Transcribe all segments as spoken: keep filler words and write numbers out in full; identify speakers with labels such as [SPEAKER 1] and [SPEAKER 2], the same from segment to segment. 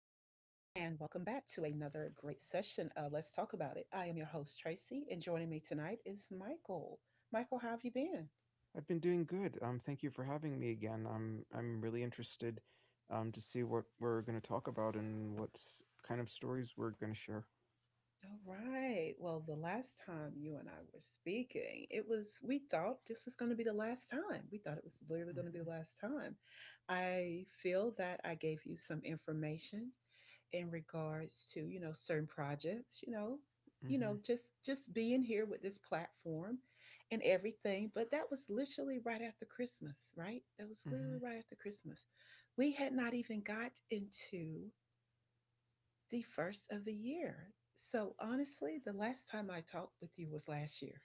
[SPEAKER 1] back to another great session of Let's Talk About It. I am your host, Tracy, and joining me tonight is Michael. Michael, how have you been?
[SPEAKER 2] I've been doing good. Um, thank you for having me again. I'm I'm really interested um, to see what we're going to talk about and what kind of stories we're going to share.
[SPEAKER 1] All right. Well, the last time you and I were speaking, it was, we thought this was going to be the last time. We thought it was literally going to be
[SPEAKER 2] hmm
[SPEAKER 1] the last time. I feel that I gave you some information in regards to you know certain projects, you know you know just just being here with this platform and everything. But that was literally right after Christmas. Right, that was literally
[SPEAKER 2] hmm
[SPEAKER 1] right after Christmas. We had not even got into the first of the year. So honestly, the last time I talked with you was last year.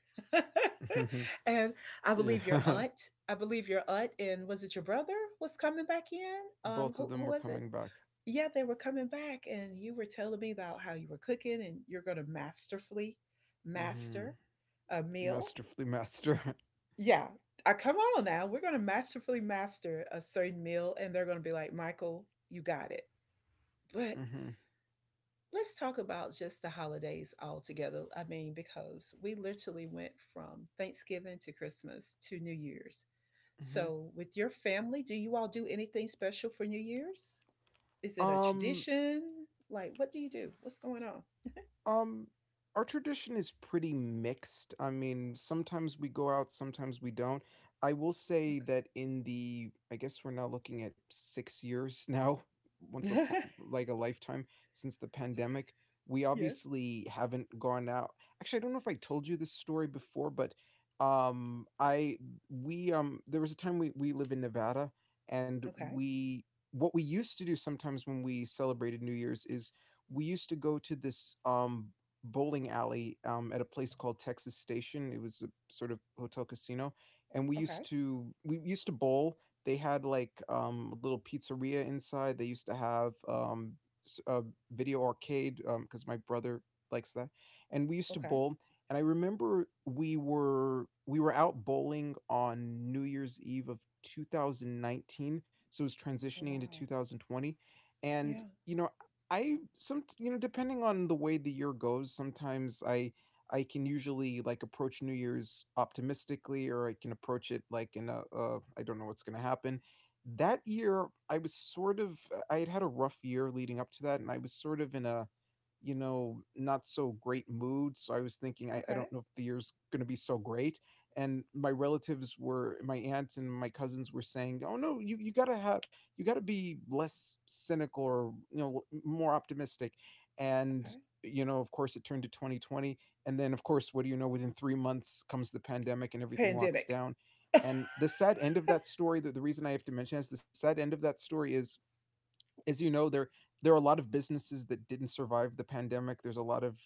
[SPEAKER 2] hmm
[SPEAKER 1] And I believe your
[SPEAKER 2] yeah,
[SPEAKER 1] aunt, I believe your aunt and was it your brother was coming back in. um
[SPEAKER 2] Both of
[SPEAKER 1] who,
[SPEAKER 2] them
[SPEAKER 1] who
[SPEAKER 2] were
[SPEAKER 1] was
[SPEAKER 2] coming
[SPEAKER 1] it?
[SPEAKER 2] back.
[SPEAKER 1] Yeah, they were coming back, and you were telling me about how you were cooking and you're going to masterfully
[SPEAKER 2] hmm
[SPEAKER 1] master a meal.
[SPEAKER 2] Masterfully master.
[SPEAKER 1] Yeah, I come on now. We're going to masterfully master a certain meal, and they're going to be like, Michael, you got it. But
[SPEAKER 2] hmm
[SPEAKER 1] let's talk about just the holidays altogether. I mean, because we literally went from Thanksgiving to Christmas to New Year's.
[SPEAKER 2] hmm
[SPEAKER 1] So, with your family, do you all do anything special for New Year's? Is it a
[SPEAKER 2] Um,
[SPEAKER 1] tradition? Like, what do you do? What's going on?
[SPEAKER 2] Um, our tradition is pretty mixed. I mean, sometimes we go out, sometimes we don't. I will say
[SPEAKER 1] Okay.
[SPEAKER 2] that in the, I guess we're now looking at six years now, once a
[SPEAKER 1] Okay.
[SPEAKER 2] like a lifetime since the pandemic. We
[SPEAKER 1] Yes.
[SPEAKER 2] obviously haven't gone out. Actually, I don't know if I told you this story before, but um, I we um there was a time we we live in Nevada, and
[SPEAKER 1] Okay.
[SPEAKER 2] we what we used to do sometimes when we celebrated New Year's is we used to go to this um, bowling alley um, at a place called Texas Station. It was a sort of hotel casino, and we
[SPEAKER 1] Okay.
[SPEAKER 2] used to we used to bowl. They had like um, a little pizzeria inside. They used to have um, s- a video arcade because my brother likes that, and we used to
[SPEAKER 1] Okay.
[SPEAKER 2] bowl. And I remember we were we were out bowling on New Year's Eve of two thousand nineteen, so it was
[SPEAKER 1] Oh
[SPEAKER 2] transitioning into
[SPEAKER 1] wow.
[SPEAKER 2] twenty twenty, and
[SPEAKER 1] Yeah.
[SPEAKER 2] you know I some you know, depending on the way the year goes, sometimes I I can usually like approach New Year's optimistically, or I can approach it like in a uh, I don't know what's going to happen. That year, I was sort of uh, I had had a rough year leading up to that, and I was sort of in a you know not so great mood. So I was thinking I, I
[SPEAKER 1] Okay.
[SPEAKER 2] don't know if the year's going to be so great. And my relatives were my aunt and my cousins were saying, "Oh no, you you got to have." You got to be less cynical or you know more optimistic, and
[SPEAKER 1] Okay.
[SPEAKER 2] you know of course it turned to twenty twenty, and then of course what do you know, within three months comes the pandemic and everything locks
[SPEAKER 1] Pandemic.
[SPEAKER 2] down.
[SPEAKER 1] Yes.
[SPEAKER 2] And the sad end of that story, the, the reason I have to mention is the sad end of that story is, as you know, there there are a lot of businesses that didn't survive the pandemic. There's a lot of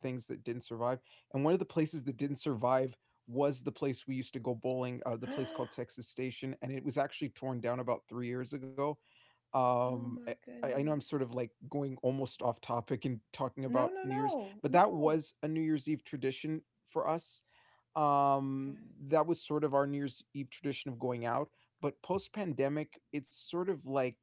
[SPEAKER 2] things that didn't survive, and one of the places that didn't survive was the place we used to go bowling, uh, the
[SPEAKER 1] Oh
[SPEAKER 2] place called Texas Station, and it was actually torn down about three years ago. Um,
[SPEAKER 1] my
[SPEAKER 2] I I know I'm
[SPEAKER 1] goodness.
[SPEAKER 2] sort of like going almost off topic and talking
[SPEAKER 1] No,
[SPEAKER 2] about
[SPEAKER 1] no,
[SPEAKER 2] New Year's,
[SPEAKER 1] no.
[SPEAKER 2] but that
[SPEAKER 1] No.
[SPEAKER 2] was a New Year's Eve tradition for us.
[SPEAKER 1] Okay.
[SPEAKER 2] Um, that was sort of our New Year's Eve tradition of going out. But post pandemic, it's sort of like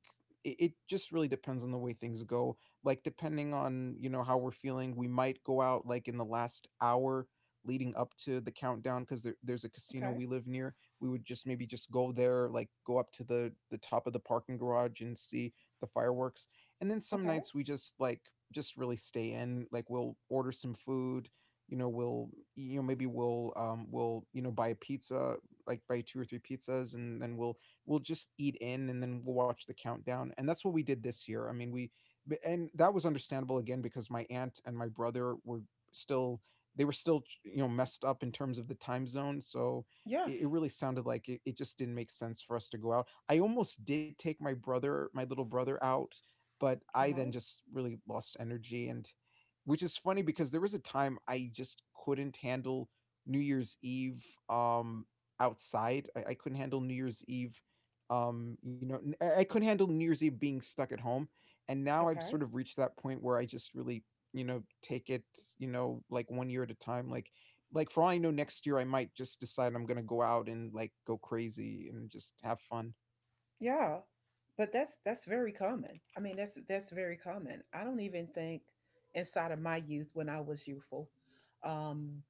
[SPEAKER 2] it, it just really depends on the way things go. Like depending on you know how we're feeling, we might go out like in the last hour leading up to the countdown because there, there's a casino
[SPEAKER 1] Okay.
[SPEAKER 2] we live near. We would just maybe just go there, like go up to the the top of the parking garage and see the fireworks. And then some
[SPEAKER 1] Okay.
[SPEAKER 2] nights we just like just really stay in. Like we'll order some food. You know, we'll you know maybe we'll um we'll you know buy a pizza, like buy two or three pizzas, and then we'll we'll just eat in, and then we'll watch the countdown. And that's what we did this year. I mean, we b- and that was understandable again because my aunt and my brother were still they were still ch- you know messed up in terms of the time zone, so it, it
[SPEAKER 1] Yes.
[SPEAKER 2] really sounded like it, it just didn't make sense for us to go out. I almost did take my brother, my little brother, out, but I then
[SPEAKER 1] Uh-huh.
[SPEAKER 2] just really lost energy. And which is funny because there was a time I just couldn't handle New Year's Eve um, outside. I, I couldn't handle New Year's Eve. Um, you know, n- I I couldn't handle New Year's Eve being stuck at home. And now I've
[SPEAKER 1] Okay.
[SPEAKER 2] sort of reached that point where I just really, you know, take it, you know, like one year at a time. Like like for all I know, next year I might just decide I'm gonna go out and like go crazy and just have fun.
[SPEAKER 1] Yeah. But that's that's very common. I mean, that's that's very common. I don't even think inside of my youth when I was youthful, um,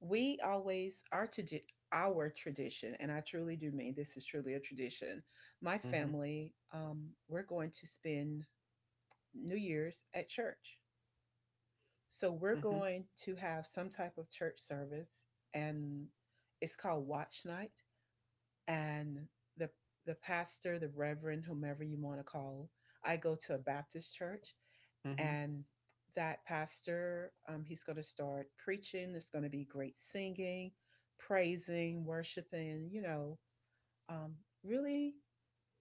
[SPEAKER 1] we always our tradi- our tradition, and I truly do mean this is truly a tradition. My
[SPEAKER 2] Mhm.
[SPEAKER 1] family, um, we're going to spend New Year's at church. So we're
[SPEAKER 2] Mhm.
[SPEAKER 1] going to have some type of church service, and it's called watch night. And the the pastor, the reverend, whomever you want to call, I go to a Baptist church.
[SPEAKER 2] Mhm.
[SPEAKER 1] And that pastor, um, he's going to start preaching, there's going to be great singing, praising, worshiping, you know, um, really,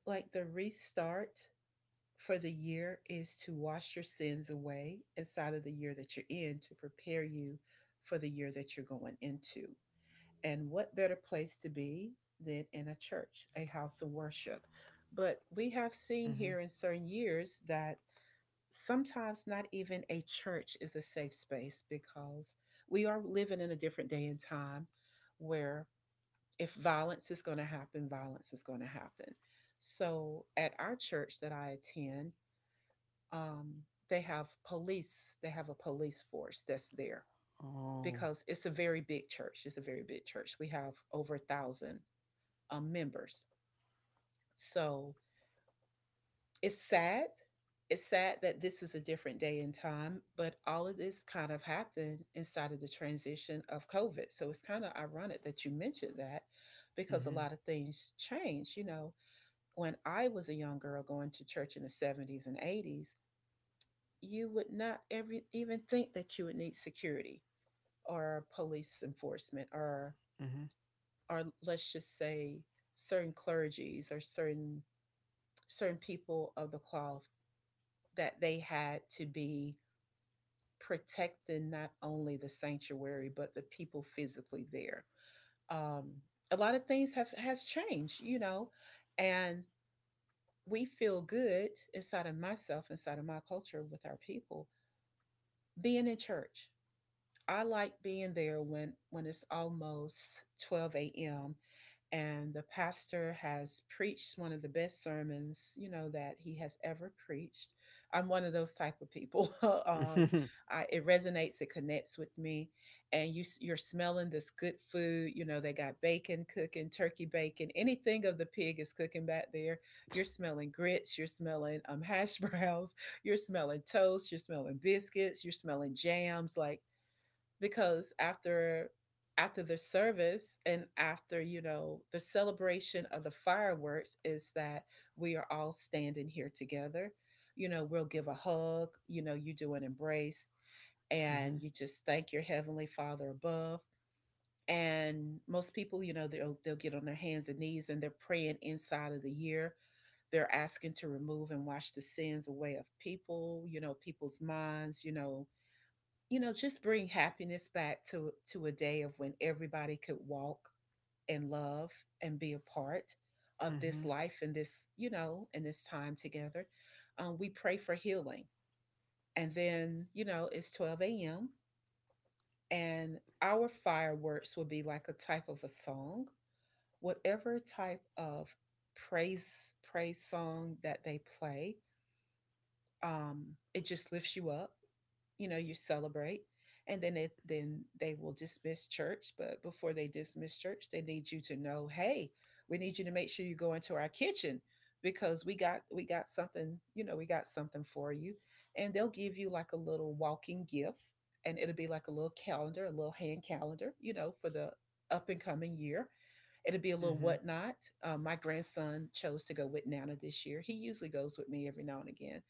[SPEAKER 1] like the restart for the year is to wash your sins away inside of the year that you're in to prepare you for the year that you're going into. And what better place to be than in a church, a house of worship? But we have seen
[SPEAKER 2] Mhm.
[SPEAKER 1] here in certain years that sometimes not even a church is a safe space, because we are living in a different day and time where if violence is going to happen, violence is going to happen. So at our church that I attend, um, they have police, they have a police force that's there,
[SPEAKER 2] Oh.
[SPEAKER 1] because it's a very big church. It's a very big church. We have over a thousand um, members. So it's sad. It's sad that this is a different day and time, but all of this kind of happened inside of the transition of COVID. So it's kind of ironic that you mentioned that, because a
[SPEAKER 2] Mhm,
[SPEAKER 1] lot of things changed. You know, when I was a young girl going to church in the seventies and eighties, you would not every, even think that you would need security or police enforcement, or
[SPEAKER 2] mhm,
[SPEAKER 1] or let's just say certain clergies or certain, certain people of the cloth, that they had to be protecting not only the sanctuary but the people physically there. Um, a lot of things have has changed, you know, and we feel good inside of myself, inside of my culture, with our people being in church. I like being there when when it's almost twelve a m and the pastor has preached one of the best sermons, you know, that he has ever preached. I'm one of those type of people. um, I, it resonates, it connects with me, and you s- you're smelling this good food. You know, they got bacon cooking, turkey bacon, anything of the pig is cooking back there. You're smelling grits, you're smelling um, hash browns, you're smelling toast, you're smelling biscuits, you're smelling jams, like, because after after the service and after, you know, the celebration of the fireworks, is that we are all standing here together. You know, we'll give a hug, you know, you do an embrace,
[SPEAKER 2] mhm,
[SPEAKER 1] and
[SPEAKER 2] mhm,
[SPEAKER 1] you just thank your Heavenly Father above. And most people, you know, they'll, they'll get on their hands and knees and they're praying inside of the year, they're asking to remove and wash the sins away of people, you know, people's minds, you know, you know just bring happiness back to to a day of when everybody could walk and love and be a part of this
[SPEAKER 2] mhm.
[SPEAKER 1] life and this, you know, and this time together. um, we pray for healing. And then, you know, it's twelve a.m. and our fireworks will be like a type of a song, whatever type of praise praise song that they play. um, it just lifts you up. You know, you celebrate, and then it then they will dismiss church. But before they dismiss church, they need you to know, hey, we need you to make sure you go into our kitchen, because we got, we got something, you know, we got something for you. And they'll give you like a little walking gift, and it'll be like a little calendar, a little hand calendar, you know, for the up and coming year. It'll be a little
[SPEAKER 2] Mhm.
[SPEAKER 1] whatnot. um, my grandson chose to go with Nana this year. He usually goes with me every now and again,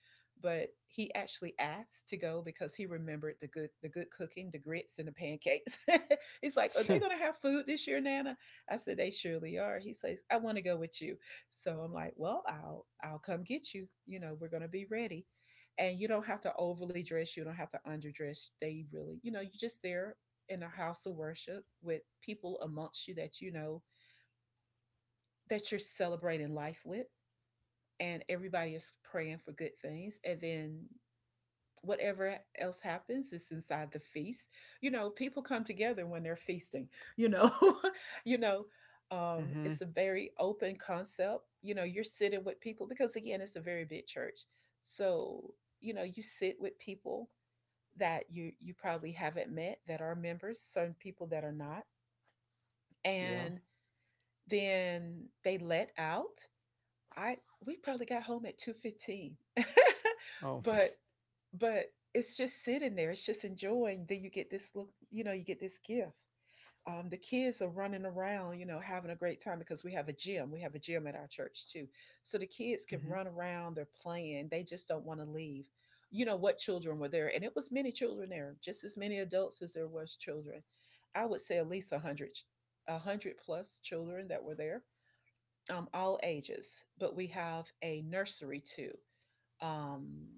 [SPEAKER 1] but he actually asked to go because he remembered the good, the good cooking, the grits and the pancakes. He's like, "Are they going to have food this year, Nana?" I said, "They surely are." He says, "I want to go with you." So I'm like, "Well, I'll I'll come get you. You know, we're going to be ready." And you don't have to overly dress, you don't have to underdress. They really, you know, you're just there in a house of worship with people amongst you that you know, that you're celebrating life with, and everybody is praying for good things. And then whatever else happens is inside the feast. You know, people come together when they're feasting, you know. You know, um
[SPEAKER 2] Mhm.
[SPEAKER 1] it's a very open concept. You know, you're sitting with people, because again, it's a very big church. So, you know, you sit with people that you you probably haven't met, that are members, certain people that are not.
[SPEAKER 2] Yeah.
[SPEAKER 1] And then they let out. I We probably got home at two fifteen.
[SPEAKER 2] Oh.
[SPEAKER 1] But but it's just sitting there. It's just enjoying. Then you get this look, you know, you get this gift. Um, the kids are running around, you know, having a great time, because we have a gym. We have a gym at our church too. So the kids can
[SPEAKER 2] Mhm.
[SPEAKER 1] run around, they're playing, they just don't want to leave. You know what, children were there, and it was many children there, just as many adults as there was children. I would say at least a hundred, a hundred plus children that were there, um, all ages. But we have a nursery too, um,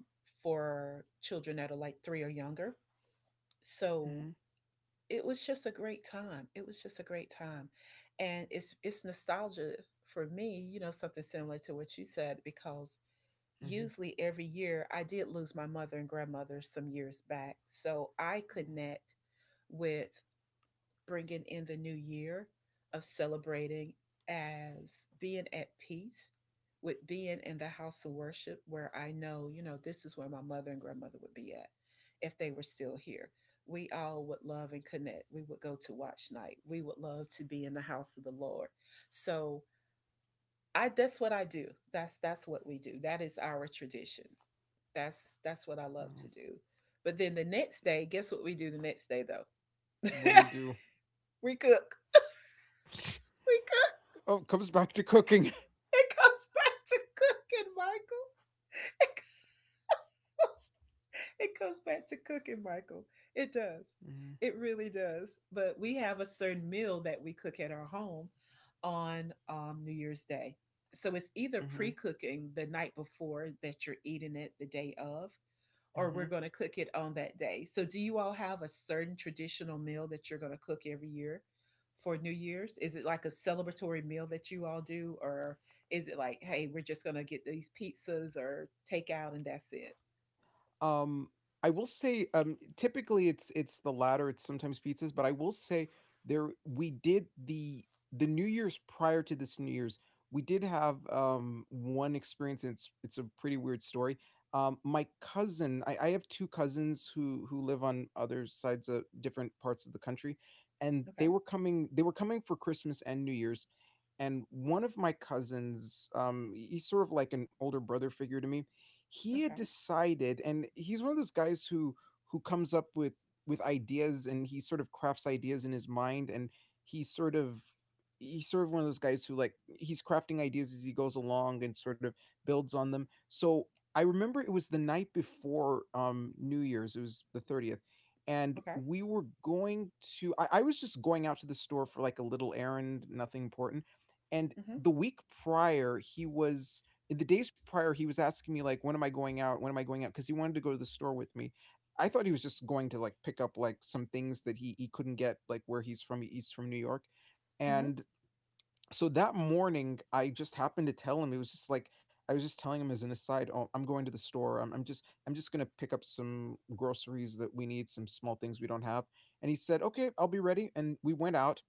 [SPEAKER 1] for children that are like three or younger. So
[SPEAKER 2] Mhm.
[SPEAKER 1] it was just a great time. It was just a great time, and it's it's nostalgia for me. You know, something similar to what you said, because
[SPEAKER 2] Mhm.
[SPEAKER 1] usually every year, I did lose my mother and grandmother some years back, so I connect with bringing in the new year of celebrating, as being at peace with being in the house of worship, where I know, you know, this is where my mother and grandmother would be at if they were still here. We all would love and connect. We would go to watch night. We would love to be in the house of the Lord. So I that's what I do. That's that's what we do. That is our tradition. That's that's what I love
[SPEAKER 2] Wow.
[SPEAKER 1] to do. But then the next day, guess what we do the next day though?
[SPEAKER 2] What do you do?
[SPEAKER 1] We cook. We cook.
[SPEAKER 2] Oh, comes back to cooking.
[SPEAKER 1] It goes back to cooking, Michael. It goes, it goes back to cooking, Michael. It does.
[SPEAKER 2] Mhm.
[SPEAKER 1] It really does. But we have a certain meal that we cook at our home on, um, New Year's Day. So it's either pre
[SPEAKER 2] Mhm.
[SPEAKER 1] cooking the night before that you're eating it the day of, or we're
[SPEAKER 2] Mhm.
[SPEAKER 1] going to cook it on that day. So, do you all have a certain traditional meal that you're going to cook every year for New Year's? Is it like a celebratory meal that you all do, or is it like, hey, we're just going to get these pizzas or takeout and that's it?
[SPEAKER 2] Um, I will say, um, typically it's it's the latter. It's sometimes pizzas, but I will say there we did the the New Year's prior to this New Year's, we did have, um, one experience, and it's it's a pretty weird story. Um, my cousin, I I have two cousins who who live on other sides of different parts of the country, and
[SPEAKER 1] Okay,
[SPEAKER 2] they were coming they were coming for Christmas and New Year's, and one of my cousins, um, he he's sort of like an older brother figure to me. He had
[SPEAKER 1] okay,
[SPEAKER 2] decided, and he's one of those guys who who comes up with with ideas, and he sort of crafts ideas in his mind, and he's sort of he's sort of one of those guys who like he's crafting ideas as he goes along and sort of builds on them. So I remember it was the night before um New Year's. It was the thirtieth, and
[SPEAKER 1] okay, okay.
[SPEAKER 2] we were going to, I, I was just going out to the store for like a little errand, nothing important. And
[SPEAKER 1] Mm-hmm,
[SPEAKER 2] the week prior he was, in the days prior he was asking me like when am I going out, when am I going out, because he wanted to go to the store with me. I thought he was just going to like pick up like some things that he he couldn't get like where he's from. He's from New York.
[SPEAKER 1] mm-hmm,
[SPEAKER 2] And so that morning I just happened to tell him. It was just like I was just telling him as an aside, oh, I'm going to the store, i'm, I'm just I'm just going to pick up some groceries that we need, some small things we don't have. And he said okay, I'll be ready, and we went out.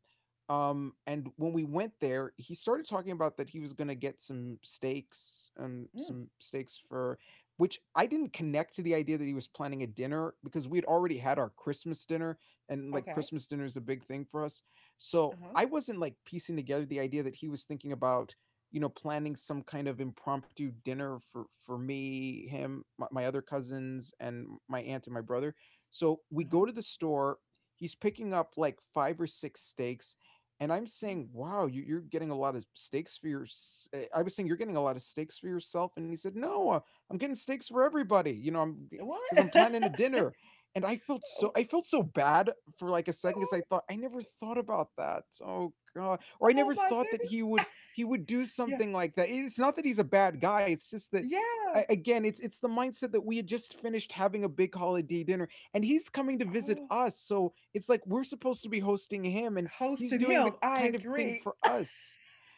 [SPEAKER 2] um, And when we went there, he started talking about that he was gonna get some steaks, um,
[SPEAKER 1] mm.
[SPEAKER 2] some steaks for which I didn't connect to the idea that he was planning a dinner, because we had already had our Christmas dinner, and like
[SPEAKER 1] Okay.
[SPEAKER 2] Christmas dinner is a big thing for us. So
[SPEAKER 1] Uh huh.
[SPEAKER 2] I wasn't like piecing together the idea that he was thinking about, you know, planning some kind of impromptu dinner for for me, him, my, my other cousins, and my aunt and my brother. So we
[SPEAKER 1] Uh huh.
[SPEAKER 2] go to the store. He's picking up like five or six steaks, and I'm
[SPEAKER 1] Mm.
[SPEAKER 2] saying, "Wow, you you're getting a lot of steaks for your eh," I was saying, "You're getting a lot of steaks for yourself," and he said, "No, uh, I'm getting steaks for everybody, you know, I'm because 'cause I'm
[SPEAKER 1] What?
[SPEAKER 2] planning a dinner." And I felt so
[SPEAKER 1] Oh,
[SPEAKER 2] I felt so bad for, like, a second because I thought, "I never thought about that. Oh god." Or I
[SPEAKER 1] oh
[SPEAKER 2] never
[SPEAKER 1] my
[SPEAKER 2] thought that
[SPEAKER 1] goodness.
[SPEAKER 2] he would he would do
[SPEAKER 1] Yeah.
[SPEAKER 2] something like that. It's not that he's a bad guy, it's just that a
[SPEAKER 1] Yeah.
[SPEAKER 2] again, it's it's the mindset that we had just finished having a big holiday dinner, and he's coming to visit
[SPEAKER 1] Oh,
[SPEAKER 2] us, so it's like we're supposed to be hosting him, and he's
[SPEAKER 1] hosting
[SPEAKER 2] doing the
[SPEAKER 1] him. I
[SPEAKER 2] kind of thing
[SPEAKER 1] agree.
[SPEAKER 2] for us.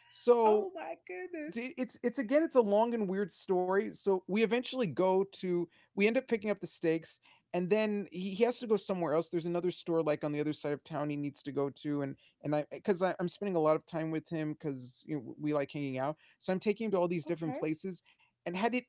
[SPEAKER 2] So
[SPEAKER 1] Oh my goodness.
[SPEAKER 2] it's it's again, it's a long and weird story, so we eventually go to we end up picking up the steaks, and then he, he has to go somewhere else. There's another store like on the other side of town he needs to go to, and and I, because I'm spending a lot of time with him because you know, we like hanging out, so I'm taking him to all these different
[SPEAKER 1] Okay.
[SPEAKER 2] places. And had it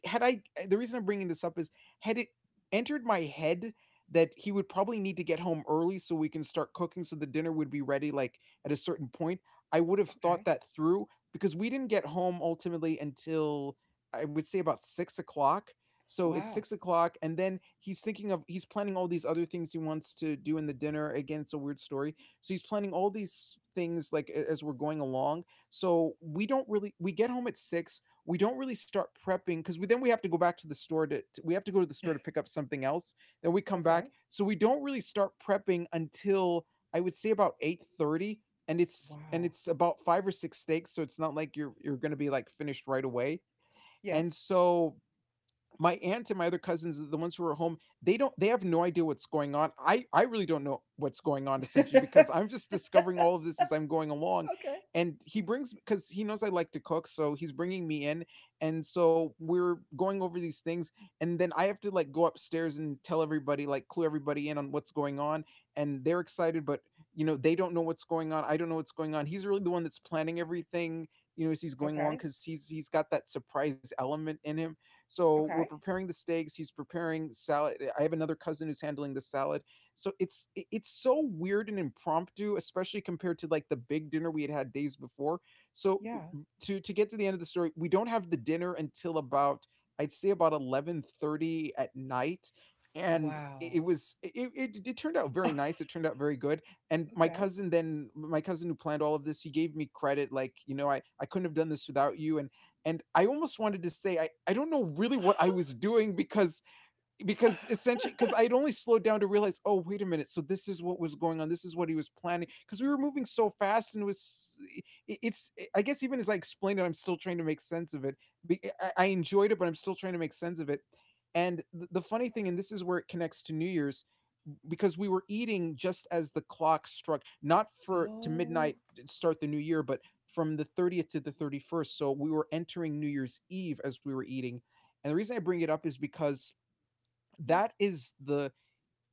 [SPEAKER 2] had I eh, the reason I'm bringing this up is, had it entered my head that he would probably need to get home early so we can start cooking so the dinner would be ready like at a certain point, I would have thought
[SPEAKER 1] Okay.
[SPEAKER 2] that through, because we didn't get home ultimately until I would say about six o'clock. So it's
[SPEAKER 1] Wow.
[SPEAKER 2] six o'clock, and then he's thinking of he's planning all these other things he wants to do in the dinner. Again, it's a weird story. So he's planning all these things like a- as we're going along. So we don't really we get home at six. We don't really start prepping because we then we have to go back to the store to to- we have to go to the store to pick up something else. Then we come
[SPEAKER 1] Okay.
[SPEAKER 2] back, so we don't really start prepping until, I would say, about eight thirty, and it's and
[SPEAKER 1] Wow.
[SPEAKER 2] it's about five or six steaks, so it's not like you're you're going to be like finished right away. And
[SPEAKER 1] Yes.
[SPEAKER 2] so my aunt and my other cousins, the ones who are home, they don't they have no idea what's going on. I i really don't know what's going on, essentially,
[SPEAKER 1] Okay.
[SPEAKER 2] because I'm just discovering all of this as I'm going along. And he brings because he knows I like to cook, so he's bringing me in. And so we're going over these things, and then I have to like go upstairs and tell everybody, like clue everybody in on what's going on. And they're excited, but you know, they don't know what's going on. I don't know what's going on. He's really the one that's planning everything, you know, as he's going along,
[SPEAKER 1] Okay.
[SPEAKER 2] because he's he's got that surprise element in him. So we're
[SPEAKER 1] Okay.
[SPEAKER 2] preparing the steaks. He's preparing salad. I have another cousin who's handling the salad. So it's it's so weird and impromptu, especially compared to like the big dinner we had had days before. So,
[SPEAKER 1] Yeah.
[SPEAKER 2] to to get to the end of the story, we don't have the dinner until about, I'd say, about eleven thirty at night. And it it
[SPEAKER 1] Wow.
[SPEAKER 2] was it, it it turned out very nice. It turned out very good. And my
[SPEAKER 1] Okay.
[SPEAKER 2] cousin then my cousin who planned all of this, he gave me credit, like, you know, i i couldn't have done this without you. And and I almost wanted to say I, I don't know really what I was doing, because because essentially, because I'd only slowed down to realize, oh, wait a minute, so this is what was going on, this is what he was planning, because we were moving so fast. And it was it's, I guess, even as I explained it, I'm still trying to make sense of it. I enjoyed it, but I'm still trying to make sense of it. And the funny thing, and this is where it connects to New Year's, because we were eating just as the clock struck, not for to
[SPEAKER 1] Oh.
[SPEAKER 2] midnight to start the new year, but from the thirtieth to the thirty-first. So we were entering New Year's Eve as we were eating. And the reason I bring it up is because
[SPEAKER 1] mm,
[SPEAKER 2] that is the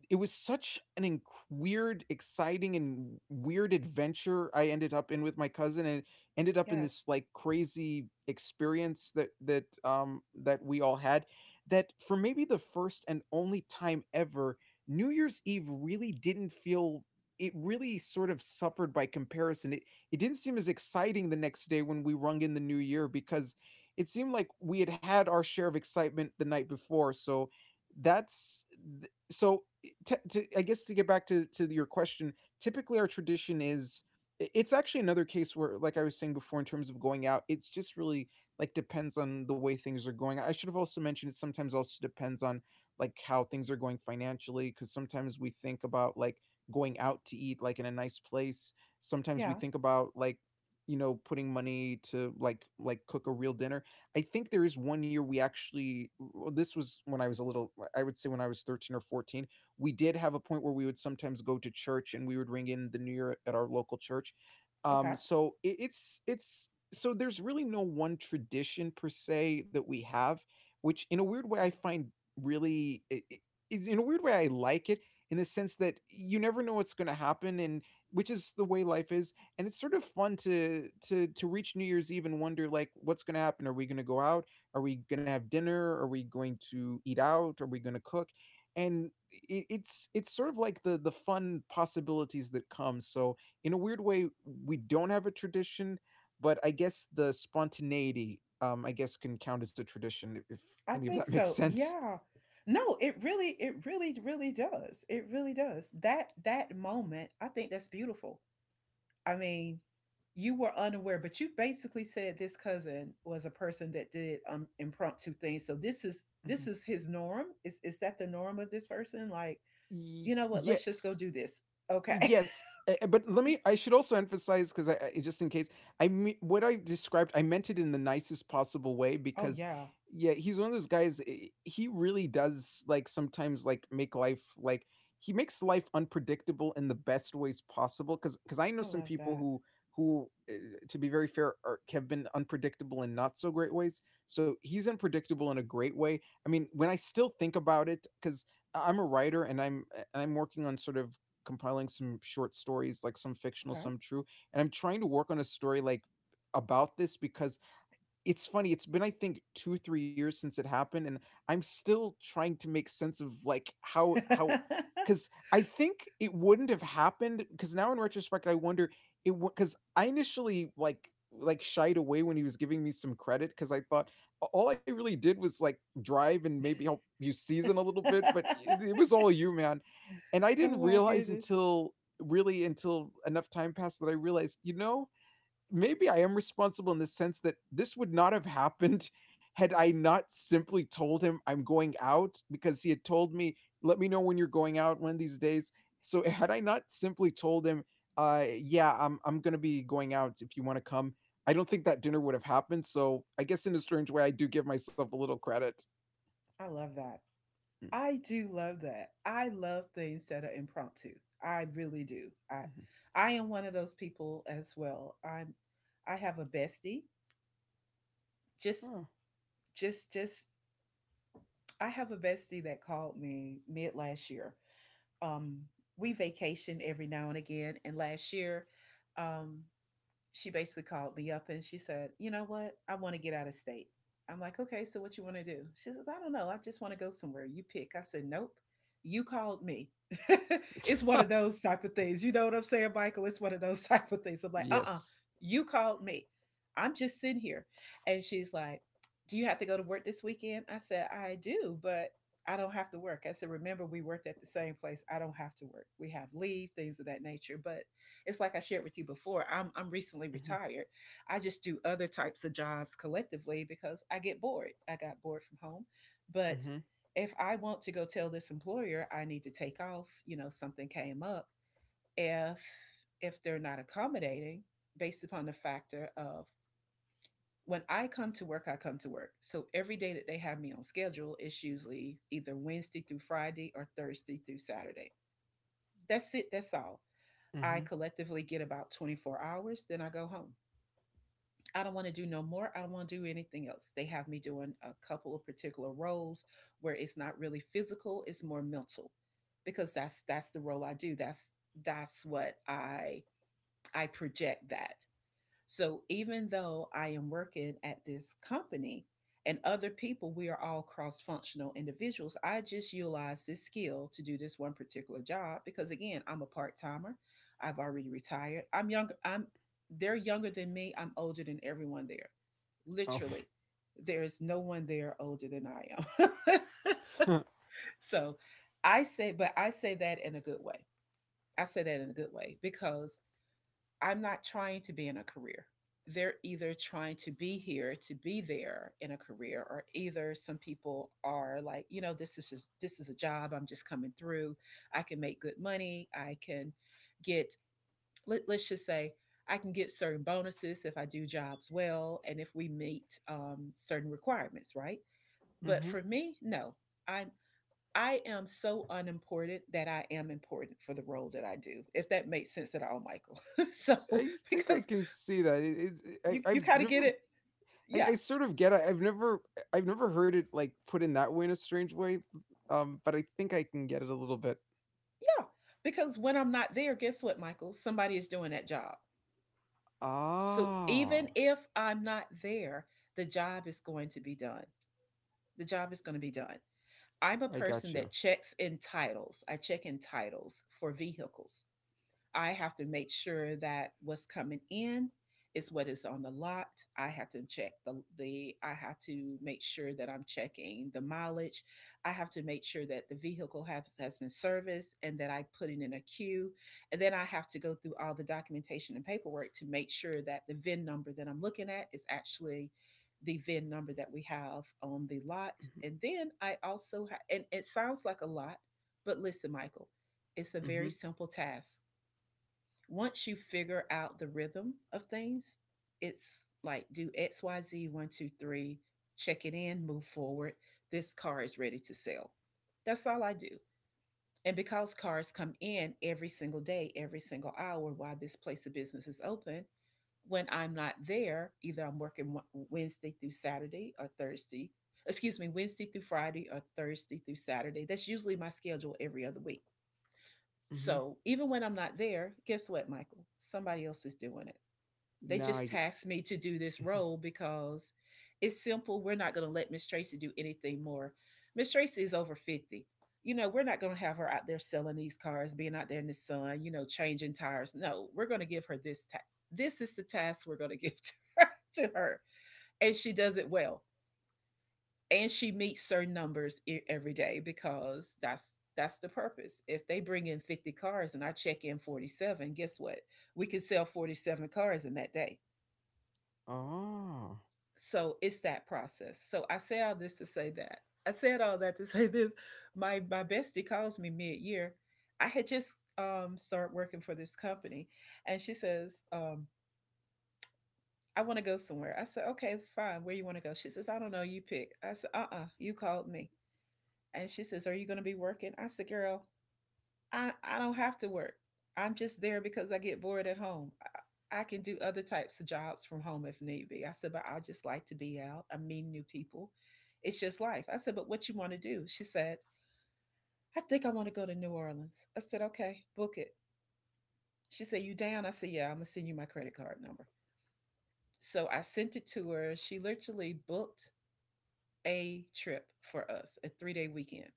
[SPEAKER 2] it was such an inc- weird, exciting, and weird adventure I ended up in with my cousin. And it ended up in
[SPEAKER 1] Yes.
[SPEAKER 2] this like crazy experience that that um that we all had. That for maybe the first and only time ever, New Year's Eve really didn't feel. It really sort of suffered by comparison. It it didn't seem as exciting the next day when we rung in the new year, because it seemed like we had had our share of excitement the night before. So that's th- so t- to, I guess, to get back to to your question, typically our tradition is it's actually another case where, like I was saying before, in terms of going out, it's just really, like, depends on the way things are going. I should have also mentioned, it sometimes also depends on like how things are going financially, because sometimes we think about like going out to eat, like in a nice place. Sometimes we
[SPEAKER 1] Yeah.
[SPEAKER 2] think about, like, you know putting money to like like cook a real dinner. I think there is one year we actually... w- This was when I was a little. I would say when I was thirteen or fourteen, we did have a point where we would sometimes go to church and we would ring in the new year at our local church.
[SPEAKER 1] Okay.
[SPEAKER 2] um
[SPEAKER 1] Okay.
[SPEAKER 2] so it, it's it's so there's really no one tradition per se that we have, which in a weird way I find, really, I I- is- in a weird way I like it, in the sense that you never know what's going to happen, and which is the way life is. And it's sort of fun to to to reach New Year's Eve and wonder, like, what's going to happen. Are we going to go out? Are we going to have dinner? Are we going to eat out? Are we going to cook? And it, it's it's sort of like the the fun possibilities that come. So in a weird way, we don't have a tradition, but I guess the spontaneity, um I guess, can count as a tradition, if, if
[SPEAKER 1] I
[SPEAKER 2] any of that
[SPEAKER 1] think
[SPEAKER 2] makes
[SPEAKER 1] so.
[SPEAKER 2] sense.
[SPEAKER 1] Yeah. No, it really it really really does. It really does. That that moment, I think that's beautiful. I mean, you were unaware, but you basically said this cousin was a person that did um impromptu things. So this is
[SPEAKER 2] Mhm.
[SPEAKER 1] this is his norm. Is is that the norm of this person? Like,
[SPEAKER 2] Ye-
[SPEAKER 1] you know what? Let's just go
[SPEAKER 2] yes.
[SPEAKER 1] do this. Okay.
[SPEAKER 2] Yes, eh, eh, but let me. I should also emphasize, because I, I just in case I me what I described, I meant it in the nicest possible way,
[SPEAKER 1] Oh
[SPEAKER 2] because,
[SPEAKER 1] yeah,
[SPEAKER 2] yeah, he's one of those guys. eh, He really does, like, sometimes like make life like he makes life unpredictable in the best ways possible. Because because I know
[SPEAKER 1] I
[SPEAKER 2] some
[SPEAKER 1] love
[SPEAKER 2] people
[SPEAKER 1] that.
[SPEAKER 2] who who eh, to be very fair are, have been unpredictable in not so great ways. So he's unpredictable in a great way. I mean, when I still think about it, because I'm a writer, and I'm eh, and I'm working on sort of compiling some short stories, like some fictional, some true. And I'm trying to work on a story like about this, because it's funny. It's been, I think, two three years since it happened, and I'm still trying to make sense of like how
[SPEAKER 1] Okay.
[SPEAKER 2] how, cuz I think it wouldn't have happened, cuz now in retrospect I wonder, it cuz I initially like like shied away when he was giving me some credit, cuz I thought a- all I really did was like drive and maybe help you season a little bit. But it, it was all you, man. And I
[SPEAKER 1] Oh
[SPEAKER 2] didn't
[SPEAKER 1] my
[SPEAKER 2] realize
[SPEAKER 1] goodness,
[SPEAKER 2] until, really, until enough time passed that I realized, you know, maybe I am responsible in the sense that this would not have happened had I not simply told him I'm going out, because he had told me, let me know when you're going out one of these days. So had I not simply told him, uh, yeah, I'm I'm gonna be going out if you want to come, I don't think that dinner would have happened. So I guess in a strange way, I do give myself a little credit.
[SPEAKER 1] I love that.
[SPEAKER 2] Mm.
[SPEAKER 1] I do love that. I love things that are impromptu. I really do. I I am one of those people as well. I'm I have a bestie. Just
[SPEAKER 2] Mhm.
[SPEAKER 1] just just I have a bestie that called me mid last year. Um, we vacation every now and again, and last year, um, she basically called me up and she said, "You know what? I want to get out of state." I'm like, "Okay, so what you want to do?" She says, "I don't know. I just want to go somewhere. You pick." I said, "Nope. You called me." It's one of
[SPEAKER 2] Oh.
[SPEAKER 1] those type of things. You know what I'm saying, Michael? It's one of those type of things. I'm like, "Uh uh,
[SPEAKER 2] Yes.
[SPEAKER 1] you called me. I'm just sitting here." And she's like, "Do you have to go to work this weekend?" I said, "I do, but I don't have to work." I said, "Remember, we worked at the same place. I don't have to work. We have leave, things of that nature." But it's like I shared with you before. I'm I'm recently
[SPEAKER 2] Hmm.
[SPEAKER 1] retired. I just do other types of jobs collectively because I get bored. I got bored from home, but
[SPEAKER 2] Hmm.
[SPEAKER 1] if I want to go tell this employer I need to take off, you know, something came up, if if they're not accommodating based upon the factor of when I come to work, I come to work. So every day that they have me on schedule is usually either Wednesday through Friday or Thursday through Saturday. That's it. That's all I
[SPEAKER 2] Hmm.
[SPEAKER 1] collectively get, about twenty-four hours, then I go home. I don't want to do no more. I don't want to do anything else. They have me doing a couple of particular roles where it's not really physical, it's more mental because that's that's the role I do. That's that's what I I project that. So even though I am working at this company and other people, we are all cross functional individuals. I just utilize this skill to do this one particular job because again, I'm a part timer. I've already retired. I'm younger. I'm they're younger than me. I'm older than everyone there.
[SPEAKER 2] Oh.
[SPEAKER 1] Literally, there is no one there older than I am. So I say, but I say that in a good way. I say that in a good way because I'm not trying to be in a career. They're either trying to be here to be there in a career, or either some people are like, you know, this is just this is a job. I'm just coming through. I can make good money. I can get let, let's just say I can get certain bonuses if I do jobs well and if we meet um, certain requirements, right? But
[SPEAKER 2] Hmm.
[SPEAKER 1] for me, no, I'm I am so unimportant that I am important for the role that I do. If that makes sense at all, Michael. So
[SPEAKER 2] I think I
[SPEAKER 1] because
[SPEAKER 2] can see that. It, it,
[SPEAKER 1] you
[SPEAKER 2] I,
[SPEAKER 1] you
[SPEAKER 2] I've
[SPEAKER 1] kind of get
[SPEAKER 2] never
[SPEAKER 1] it?
[SPEAKER 2] I,
[SPEAKER 1] Yeah.
[SPEAKER 2] I sort of get it. I've never I've never heard it like put in that way in a strange way, um, but I think I can get it a little bit.
[SPEAKER 1] Yeah. Because when I'm not there, guess what, Michael? Somebody is doing that job. So even
[SPEAKER 2] Oh,
[SPEAKER 1] if I'm not there, the job is going to be done. The job is going to be done. I'm a
[SPEAKER 2] I
[SPEAKER 1] person
[SPEAKER 2] got
[SPEAKER 1] that
[SPEAKER 2] you.
[SPEAKER 1] checks in titles. I check in titles for vehicles. I have to make sure that what's coming in is what is on the lot. I have to check the the I have to make sure that I'm checking the mileage. I have to make sure that the vehicle has, has been serviced and that I put it in a queue. And then I have to go through all the documentation and paperwork to make sure that the V I N number that I'm looking at is actually the V I N number that we have on the lot. And then I also ha- and it sounds like a lot, but listen, Michael, it's a
[SPEAKER 2] Mm-hmm.
[SPEAKER 1] very
[SPEAKER 2] Mm-hmm.
[SPEAKER 1] simple task once you figure out the rhythm of things. It's like do X Y Z, one, two, three, check it in, move forward. This car is ready to sell. That's all I do. And because cars come in every single day, every single hour while this place of business is open, when I'm not there, either I'm working Wednesday through Saturday or Thursday, excuse me, Wednesday through Friday or Thursday through Saturday. That's usually my schedule every other week,
[SPEAKER 2] Mm-hmm.
[SPEAKER 1] so even when I'm not there, guess what, Michael? Somebody else is doing it. They
[SPEAKER 2] Now I
[SPEAKER 1] just
[SPEAKER 2] get.
[SPEAKER 1] tasked me to do this
[SPEAKER 2] Mhm.
[SPEAKER 1] role because it's simple. We're not going to let Miss Tracy do anything more. Miss Tracy is over fifty. You know, we're not going to have her out there selling these cars, being out there in the sun, you know, changing tires. No, we're going to give her this task. This is the task we're going to give to her, to her. And she does it well and she meets certain numbers e- every day because that's that's the purpose. If they bring in fifty cars and I check in forty-seven, guess what? We can sell forty-seven cars in that day.
[SPEAKER 2] Oh.
[SPEAKER 1] So it's that process. So I say all this to say that. I said all that to say this. My my bestie calls me mid-year. I had just um started working for this company and she says, um, "I want to go somewhere." I said, "Okay, fine. Where you want to go?" She says, "I don't know. You pick." I said, "Uh-uh. You called me." And she says, "Are you going to be working?" I said, "Girl, I, I don't have to work. I'm just there because I get bored at home. I, I can do other types of jobs from home if need be." I said, "But I just like to be out. I meet new people. It's just life." I said, "But what you want to do?" She said, "I think I want to go to New Orleans." I said, "Okay, book it." She said, "You down?" I said, "Yeah, I'm going to send you my credit card number." So I sent it to her. She literally booked a trip for us, a three day weekend.